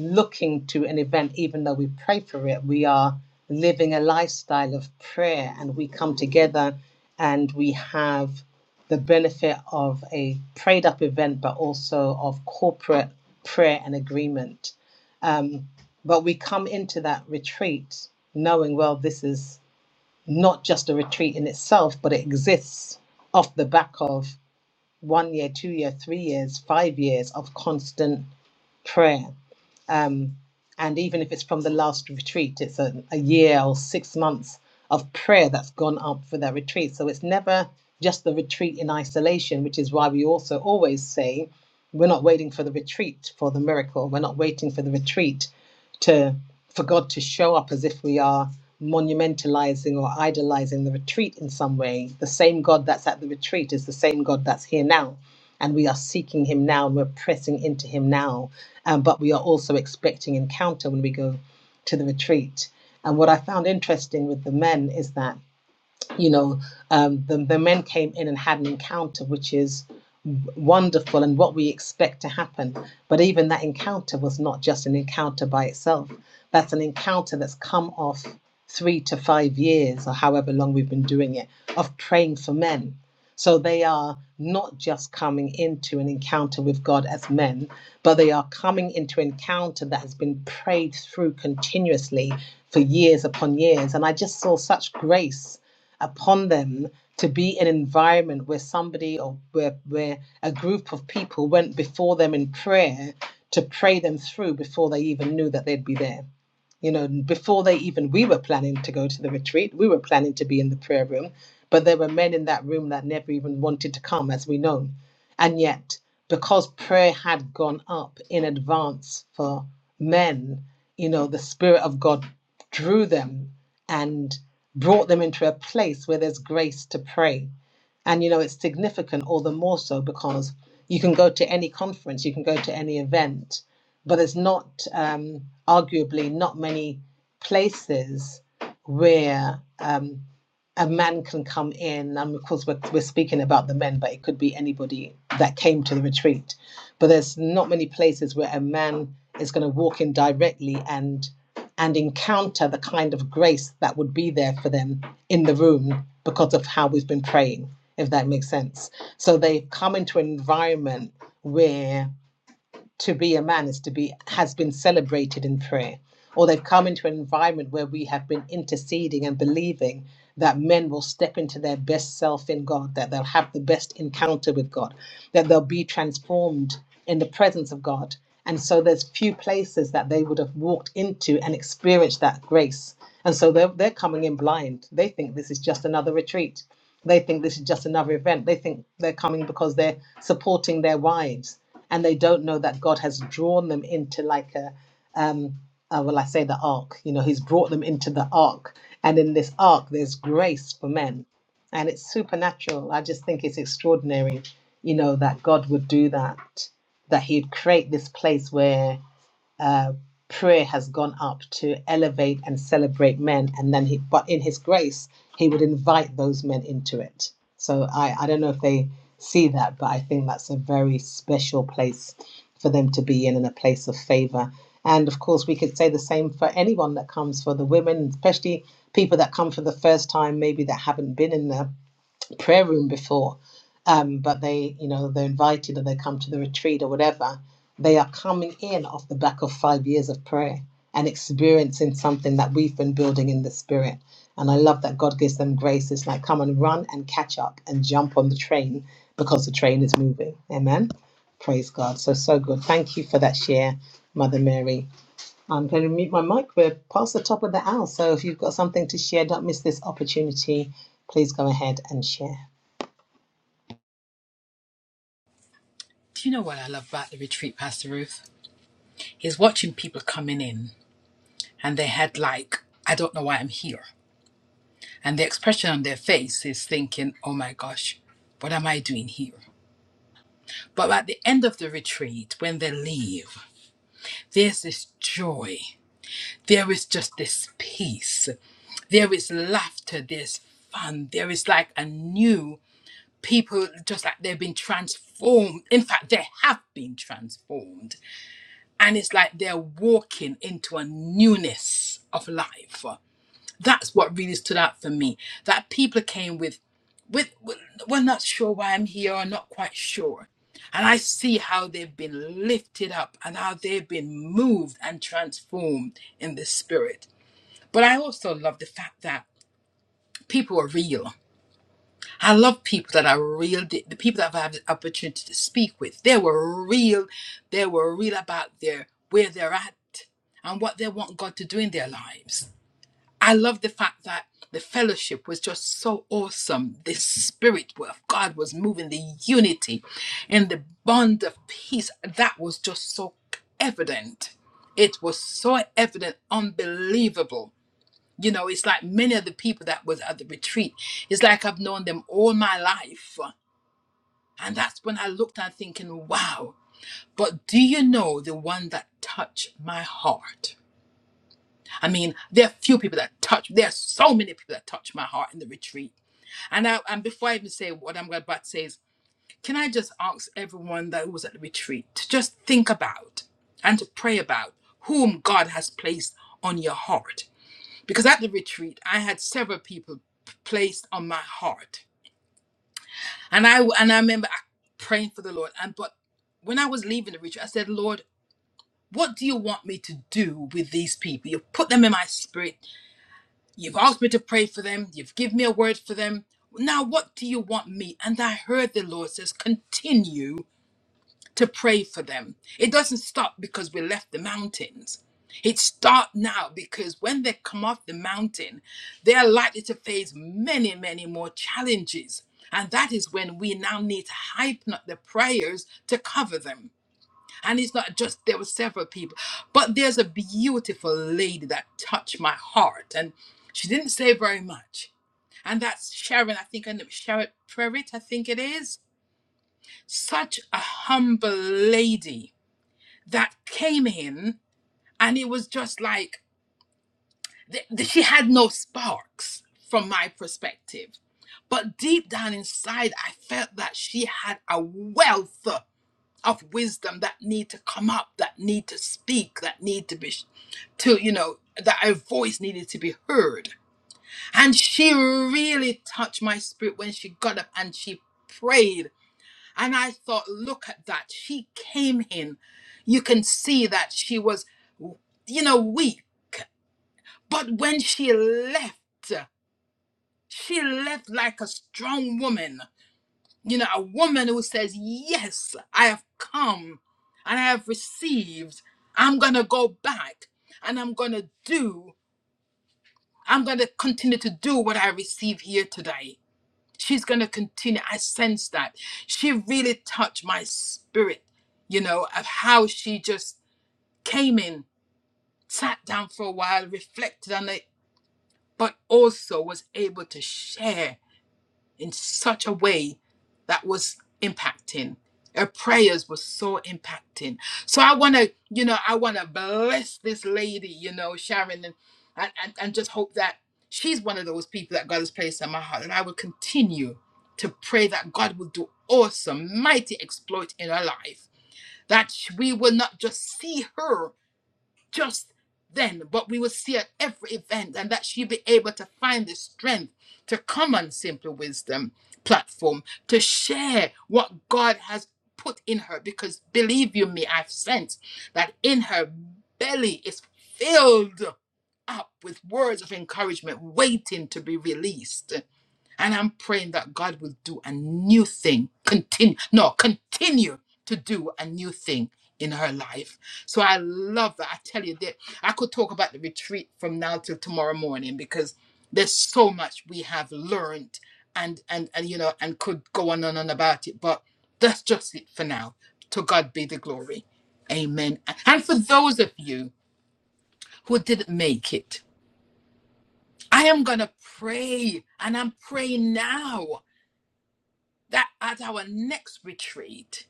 looking to an event, even though we pray for it, we are living a lifestyle of prayer and we come together and we have the benefit of a prayed up event, but also of corporate prayer and agreement. Um, but we come into that retreat knowing, well, this is not just a retreat in itself, but it exists off the back of one year, two year, three years, five years of constant prayer. And even if it's from the last retreat, it's a, a year or six months of prayer that's gone up for that retreat. So it's never just the retreat in isolation, which is why we also always say we're not waiting for the retreat for the miracle. We're not waiting for the retreat to for God to show up as if we are monumentalizing or idolizing the retreat in some way. The same God that's at the retreat is the same God that's here now and we are seeking him now and we're pressing into him now um, but we are also expecting encounter when we go to the retreat and what i found interesting with the men is that you know um, the, the men came in and had an encounter which is wonderful and what we expect to happen. But even that encounter was not just an encounter by itself, that's an encounter that's come off three to five years, or however long we've been doing it, of praying for men. So they are not just coming into an encounter with God as men, but they are coming into an encounter that has been prayed through continuously for years upon years. And I just saw such grace upon them to be an environment where somebody or where, where a group of people went before them in prayer to pray them through before they even knew that they'd be there you know before they even we were planning to go to the retreat we were planning to be in the prayer room but there were men in that room that never even wanted to come as we know and yet because prayer had gone up in advance for men you know the spirit of god drew them and brought them into a place where there's grace to pray and you know, it's significant all the more so because you can go to any conference, you can go to any event, but there's not, um, arguably, not many places where um, a man can come in. and of course, we're, we're speaking about the men, but it could be anybody that came to the retreat. But there's not many places where a man is going to walk in directly and and encounter the kind of grace that would be there for them in the room because of how we've been praying, if that makes sense. So they've come into an environment where to be a man is to be has been celebrated in prayer or they've come into an environment where we have been interceding and believing that men will step into their best self in God, that they'll have the best encounter with God, that they'll be transformed in the presence of God. And so there's few places that they would have walked into and experienced that grace. And so they're, they're coming in blind. They think this is just another retreat they think this is just another event. They think they're coming because they're supporting their wives, and they don't know that God has drawn them into like a, um, uh, well, I say the ark. You know, He's brought them into the ark, and in this ark, there's grace for men, and it's supernatural. I just think it's extraordinary, you know, that God would do that, that He'd create this place where uh, prayer has gone up to elevate and celebrate men and then he but in his grace he would invite those men into it so i i don't know if they see that but i think that's a very special place for them to be in and a place of favor and of course we could say the same for anyone that comes for the women especially people that come for the first time maybe that haven't been in there prayer room before, um, but they, you know, they're invited or they come to the retreat or whatever, they are coming in off the back of five years of prayer and experiencing something that we've been building in the spirit. And I love that God gives them grace. It's like, come and run and catch up and jump on the train because the train is moving. Amen. Praise God. So, so good. Thank you for that share, Mother Mary. I'm going to mute my mic. We're past the top of the hour. So, if you've got something to share, don't miss this opportunity. Please go ahead and share.
Do you know what I love about the retreat, Pastor Ruth? he's watching people coming in and they had like i don't know why i'm here and the expression on their face is thinking oh my gosh what am i doing here but at the end of the retreat when they leave there's this joy there is just this peace there is laughter there's fun there is like a new people just like they've been transformed in fact they have been transformed and it's like they're walking into a newness of life that's what really stood out for me that people came with with with, we're not sure why i'm here or not quite sure and i see how they've been lifted up and how they've been moved and transformed in the spirit but i also love the fact that people are real i love people that are real the the people that i've had the opportunity to speak with they were real they were real about their where they're at and what they want god to do in their lives I love the fact that the fellowship was just so awesome. The spirit of God was moving, the unity and the bond of peace. That was just so evident. It was so evident, unbelievable. You know, it's like many of the people that was at the retreat. It's like I've known them all my life. And that's when I looked and thinking, wow. But do you know the one that touched my heart? I mean, there are few people that touch. There are so many people that touch my heart in the retreat. And I, and before I even say what I'm about to say is, can I just ask everyone that was at the retreat to just think about and to pray about whom God has placed on your heart? Because at the retreat, I had several people p- placed on my heart, and I and I remember I- praying for the Lord. And but when I was leaving the retreat, I said, Lord. What do you want me to do with these people? You put them in my spirit You've asked me to pray for them. You've given me a word for them. Now, what do you want me? And I heard the Lord says, continue to pray for them. It doesn't stop because we left the mountains. It starts now because when they come off the mountain, they are likely to face many, many more challenges. And that is when we now need to heighten up the prayers to cover them. And it's not just, there were several people, but there's a beautiful lady that touched my heart. And she didn't say very much. And that's Sharon, I think and Sharon Prerit, I think it is. Such a humble lady that came in, and it was just like, th- th- she had no sparks from my perspective. But deep down inside, I felt that she had a wealth of wisdom that need to come up, that need to speak, that need to be, to, you know, that her voice needed to be heard. And she really touched my spirit when she got up and she prayed. And I thought, look at that. She came in. You can see that she was, you know, weak. But when she left, she left like a strong woman You know, a woman who says, Yes, I have come and I have received. I'm going to go back and I'm going to do, I'm going to continue to do what I receive here today. She's going to continue. I sense that. She really touched my spirit, you know, of how she just came in, sat down for a while, reflected on it, but also was able to share in such a way that was impacting. Her prayers were so impacting. So I want to, you know, I want to bless this lady, you know, Sharon, and, and, and just hope that she's one of those people that God has placed in my heart. And I will continue to pray that God will do awesome, mighty exploit in her life. That we will not just see her, just then, but we will see at every event, and that she be able to find the strength to come on Simple Wisdom platform to share what God has put in her. Because believe you me, I've sensed that in her belly is filled up with words of encouragement waiting to be released. And I'm praying that God will do a new thing. Continue, no, continue to do a new thing in her life. So I love that. I tell you that I could talk about the retreat from now till tomorrow morning because there's so much we have learned and and and you know and could go on and on about it. But that's just it for now. To God be the glory. Amen. And for those of you who didn't make it, I am going to pray and I'm praying now. that at our next retreat,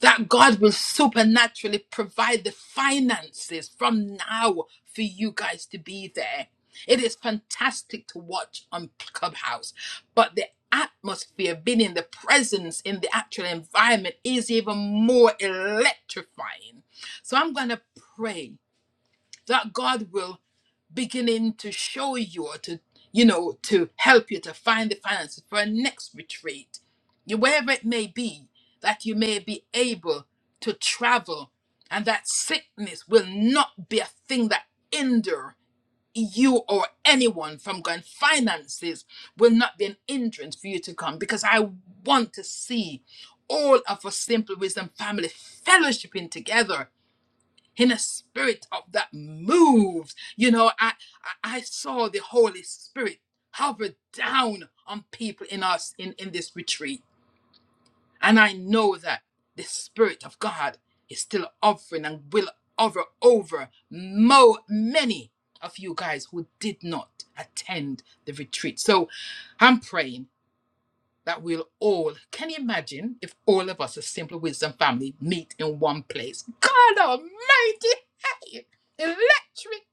that God will supernaturally provide the finances from now for you guys to be there. It is fantastic to watch on Clubhouse, but the atmosphere, being in the presence, in the actual environment, is even more electrifying. So I'm going to pray that God will beginning to show you or to you know to help you to find the finances for a next retreat you- wherever it may be that you may be able to travel and that sickness will not be a thing that hinder you or anyone from going finances will not be an hindrance for you to come because i want to see all of us simple wisdom family fellowshipping together in a spirit of that moves. You know, I, I I saw the Holy Spirit hover down on people in us in, in this retreat. And I know that the Spirit of God is still offering and will hover over mo- many of you guys who did not attend the retreat. So I'm praying that we'll all can you imagine if all of us, a simple wisdom family, meet in one place? God Almighty, hey, electric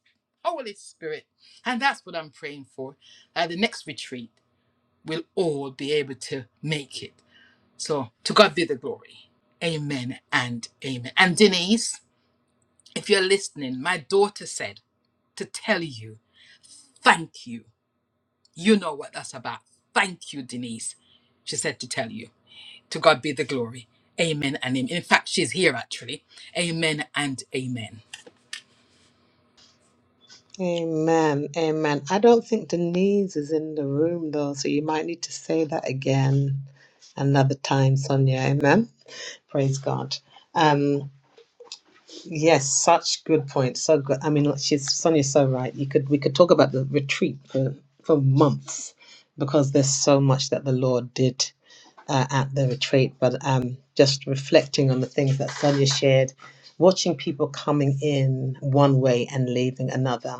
Holy Spirit, and that's what I'm praying for. At the next retreat, we'll all be able to make it. So to God be the glory. Amen and amen. And Denise, if you're listening, my daughter said to tell you, thank you. You know what that's about. Thank you, Denise. She said to tell you. To God be the glory. Amen and amen. In fact, she's here actually. Amen and amen.
Amen. Amen. I don't think Denise is in the room though, so you might need to say that again another time, Sonia. Amen. Praise God. Um, yes, such good points. So good. I mean, she's Sonia's so right. You could we could talk about the retreat for for months because there's so much that the Lord did uh, at the retreat, but um, just reflecting on the things that Sonia shared, watching people coming in one way and leaving another.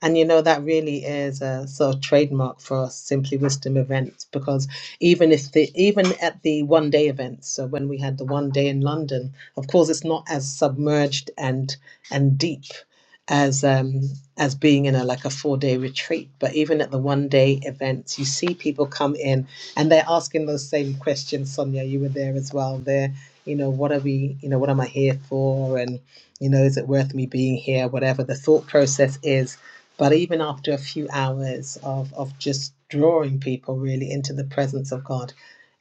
And you know, that really is a sort of trademark for us Simply Wisdom events because even if the even at the one day events, so when we had the one day in London, of course it's not as submerged and and deep as um as being in a like a four day retreat. But even at the one day events, you see people come in and they're asking those same questions sonia you were there as well they're you know what are we you know what am i here for and you know is it worth me being here whatever the thought process is but even after a few hours of of just drawing people really into the presence of god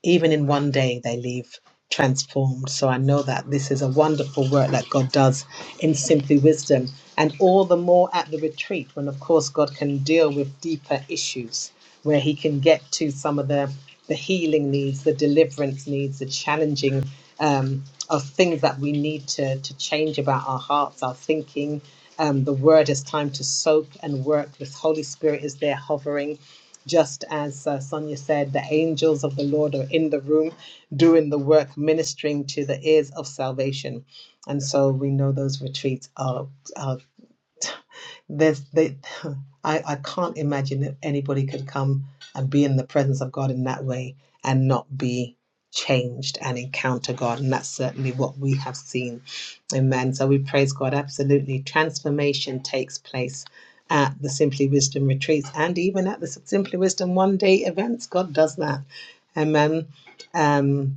even in one day they leave transformed. So I know that this is a wonderful work that God does in Simply Wisdom, and all the more at the retreat when, of course, God can deal with deeper issues where He can get to some of the the healing needs, the deliverance needs, the challenging um, of things that we need to to change about our hearts, our thinking. Um, the word is time to soak and work. This Holy Spirit is there hovering just as uh, Sonia said, the angels of the Lord are in the room doing the work ministering to the ears of salvation and so we know those retreats are, are there's they I, I can't imagine that anybody could come and be in the presence of god in that way and not be changed and encounter god and that's certainly what we have seen amen so we praise god absolutely transformation takes place at the simply wisdom retreats and even at the simply wisdom one day events god does that amen Um.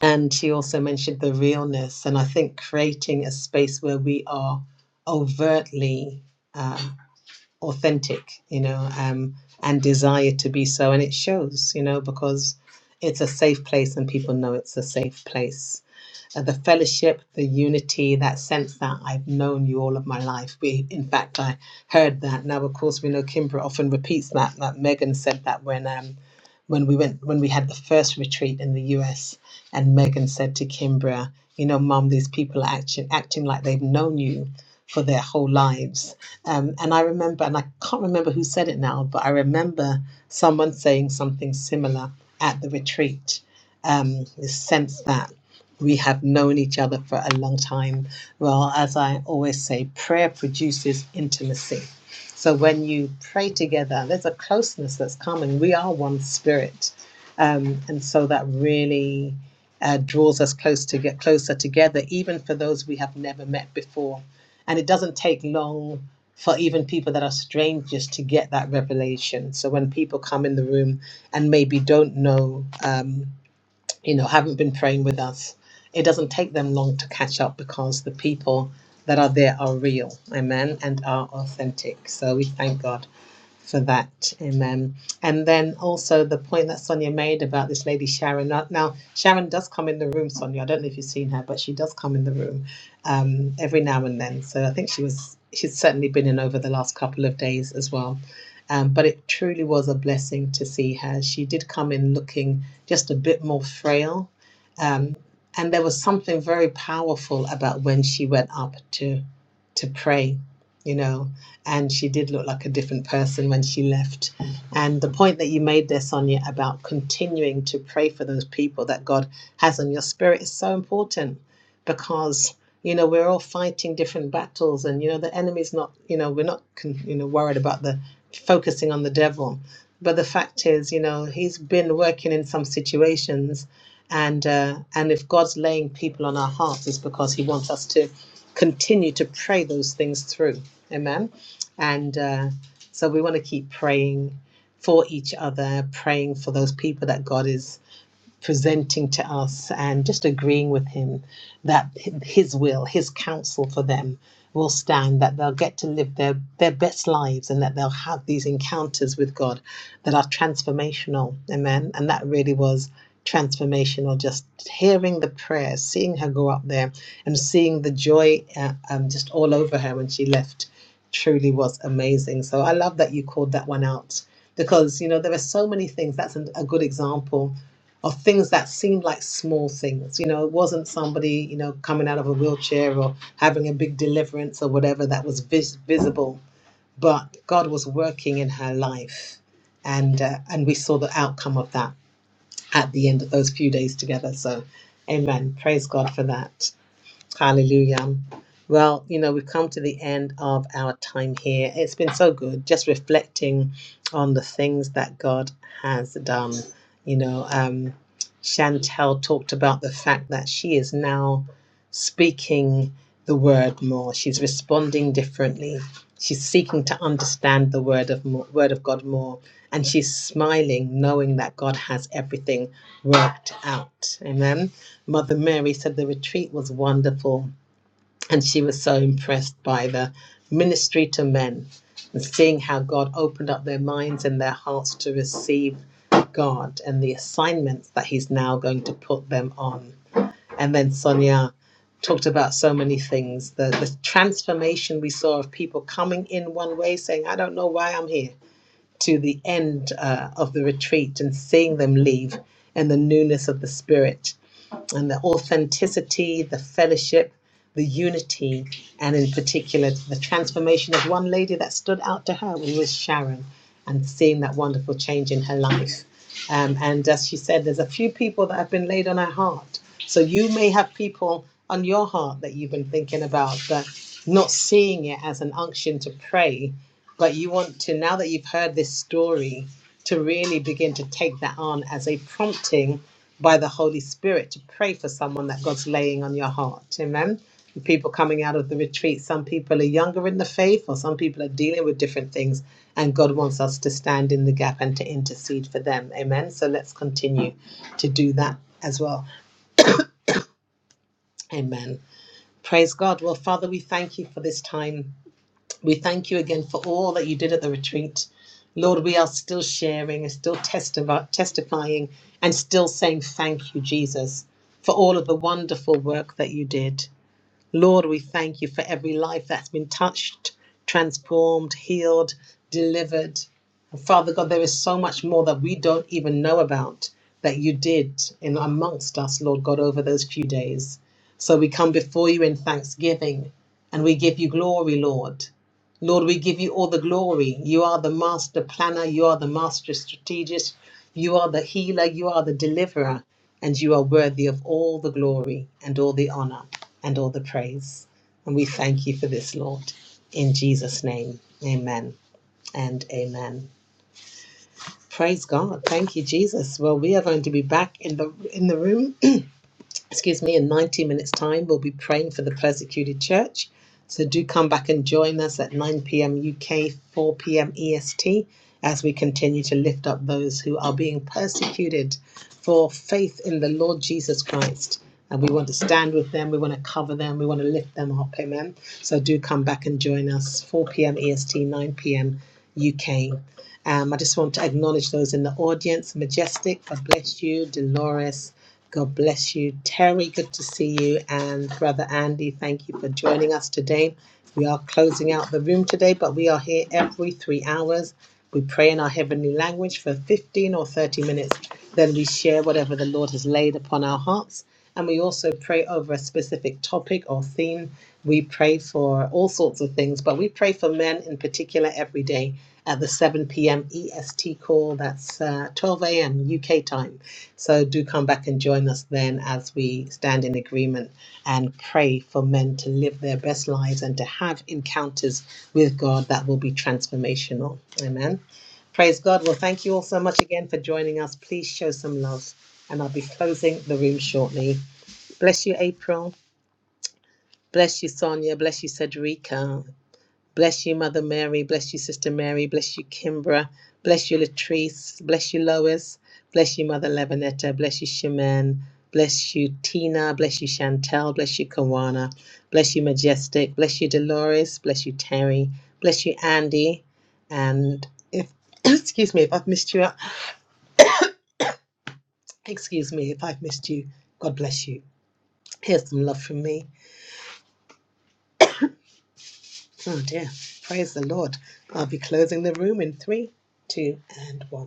And she also mentioned the realness. And I think creating a space where we are overtly um, authentic, you know, um, and desire to be so. And it shows, you know, because it's a safe place and people know it's a safe place. Uh, the fellowship, the unity, that sense that I've known you all of my life. We, in fact, I heard that. Now, of course, we know Kimbra often repeats that. That Megan said that when um, when we went when we had the first retreat in the US and Megan said to Kimbra, you know, mom, these people are acting acting like they've known you for their whole lives. Um, and I remember, and I can't remember who said it now, but I remember someone saying something similar at the retreat. Um, this sense that we have known each other for a long time. Well, as I always say, prayer produces intimacy so when you pray together, there's a closeness that's coming. We are one spirit, um, and so that really uh, draws us close to get closer together, even for those we have never met before. And it doesn't take long for even people that are strangers to get that revelation. So when people come in the room and maybe don't know. Um, you know, haven't been praying with us, it doesn't take them long to catch up because the people that are there are real, amen, and are authentic. So we thank God for that. Amen. And then also the point that Sonia made about this lady Sharon. Now, now, Sharon does come in the room, Sonia. I don't know if you've seen her, but she does come in the room um, every now and then. So I think she was she's certainly been in over the last couple of days as well. Um, but it truly was a blessing to see her. She did come in looking just a bit more frail. Um, and there was something very powerful about when she went up to to pray, you know, and she did look like a different person when she left. And the point that you made there, Sonia, about continuing to pray for those people that God has on your spirit is so important because you know we're all fighting different battles, and you know the enemy's not. You know we're not you know worried about the focusing on the devil, but the fact is, you know, he's been working in some situations. And uh, and if God's laying people on our hearts, it's because He wants us to continue to pray those things through. Amen. And uh, so we want to keep praying for each other, praying for those people that God is presenting to us and just agreeing with him that his will, his counsel for them will stand, that they'll get to live their, their best lives and that they'll have these encounters with God that are transformational. Amen. And that really was transformational just hearing the prayer seeing her go up there and seeing the joy uh, um, just all over her when she left truly was amazing so i love that you called that one out because you know there are so many things that's an, a good example of things that seemed like small things. You know, it wasn't somebody, you know, coming out of a wheelchair or having a big deliverance or whatever that was vis- visible, but God was working in her life. And, uh, and we saw the outcome of that at the end of those few days together. So, amen. Praise God for that. Hallelujah. Well, you know, we've come to the end of our time here. It's been so good just reflecting on the things that God has done. You know, um, Chantel talked about the fact that she is now speaking the word more. She's responding differently. She's seeking to understand the word of more, word of God more, and she's smiling, knowing that God has everything worked out. Amen. Mother Mary said the retreat was wonderful and she was so impressed by the ministry to men and seeing how God opened up their minds and their hearts to receive God and the assignments that He's now going to put them on. And then Sonia talked about so many things the, the transformation we saw of people coming in one way saying, I don't know why I'm here, to the end uh, of the retreat and seeing them leave and the newness of the Spirit and the authenticity, the fellowship, the unity, and in particular, the transformation of one lady that stood out to her was Sharon, and seeing that wonderful change in her life. Um, and as she said, there's a few people that have been laid on her heart. So you may have people on your heart that you've been thinking about, but not seeing it as an unction to pray but you want to now that you've heard this story to really begin to take that on as a prompting by the holy spirit to pray for someone that god's laying on your heart amen The people coming out of the retreat some people are younger in the faith or some people are dealing with different things and god wants us to stand in the gap and to intercede for them amen so let's continue to do that as well amen praise god well father we thank you for this time we thank you again for all that you did at the retreat. Lord, we are still sharing and still testi- testifying and still saying thank you, Jesus, for all of the wonderful work that you did. Lord, we thank you for every life that's been touched, transformed, healed, delivered. And Father God, there is so much more that we don't even know about that you did in amongst us, Lord God, over those few days. So we come before you in thanksgiving and we give you glory, Lord. Lord, we give you all the glory. You are the master planner, you are the master strategist, you are the healer, you are the deliverer and you are worthy of all the glory and all the honor and all the praise. And we thank you for this, Lord. In Jesus' name, amen and amen. Praise God. Thank you, Jesus. Well, we are going to be back in the in the room excuse me, in 90 minutes' time, we'll be praying for the persecuted church. So do come back and join us at 9 p.m. UK, 4 p.m. EST, as we continue to lift up those who are being persecuted for faith in the Lord Jesus Christ. And we want to stand with them, we want to cover them, we want to lift them up, amen. So do come back and join us, 4 p.m. EST, 9 p.m. UK. Um, I just want to acknowledge those in the audience. Majestic, God bless you. Dolores, God bless you. Terry, good to see you. And Brother Andy, thank you for joining us today. We are closing out the room today, but we are here every three hours. We pray in our heavenly language for 15 or 30 minutes. Then we share whatever the Lord has laid upon our hearts. And we also pray over a specific topic or theme. We pray for all sorts of things, but we pray for men in particular every day at the 7 p.m. EST call. That's uh, 12 a.m. UK time. So do come back and join us then as we stand in agreement and pray for men to live their best lives and to have encounters with God that will be transformational. Amen. Praise God. Well, thank you all so much again for joining us. Please show some love. And I'll be closing the room shortly. Bless you, April. Bless you, Sonia. Bless you, Cedrica. Bless you, Mother Mary. Bless you, Sister Mary. Bless you, Kimbra. Bless you, Latrice. Bless you, Lois. Bless you, Mother Levinetta. Bless you, Shaman. Bless you, Tina. Bless you, Chantel. Bless you, Kawana. Bless you, Majestic. Bless you, Dolores. Bless you, Terry. Bless you, Andy. And if, excuse me, if I've missed you, excuse me, if I've missed you, God bless you. Here's some love from me. Oh dear. Praise the Lord. I'll be closing the room in three, two, and one.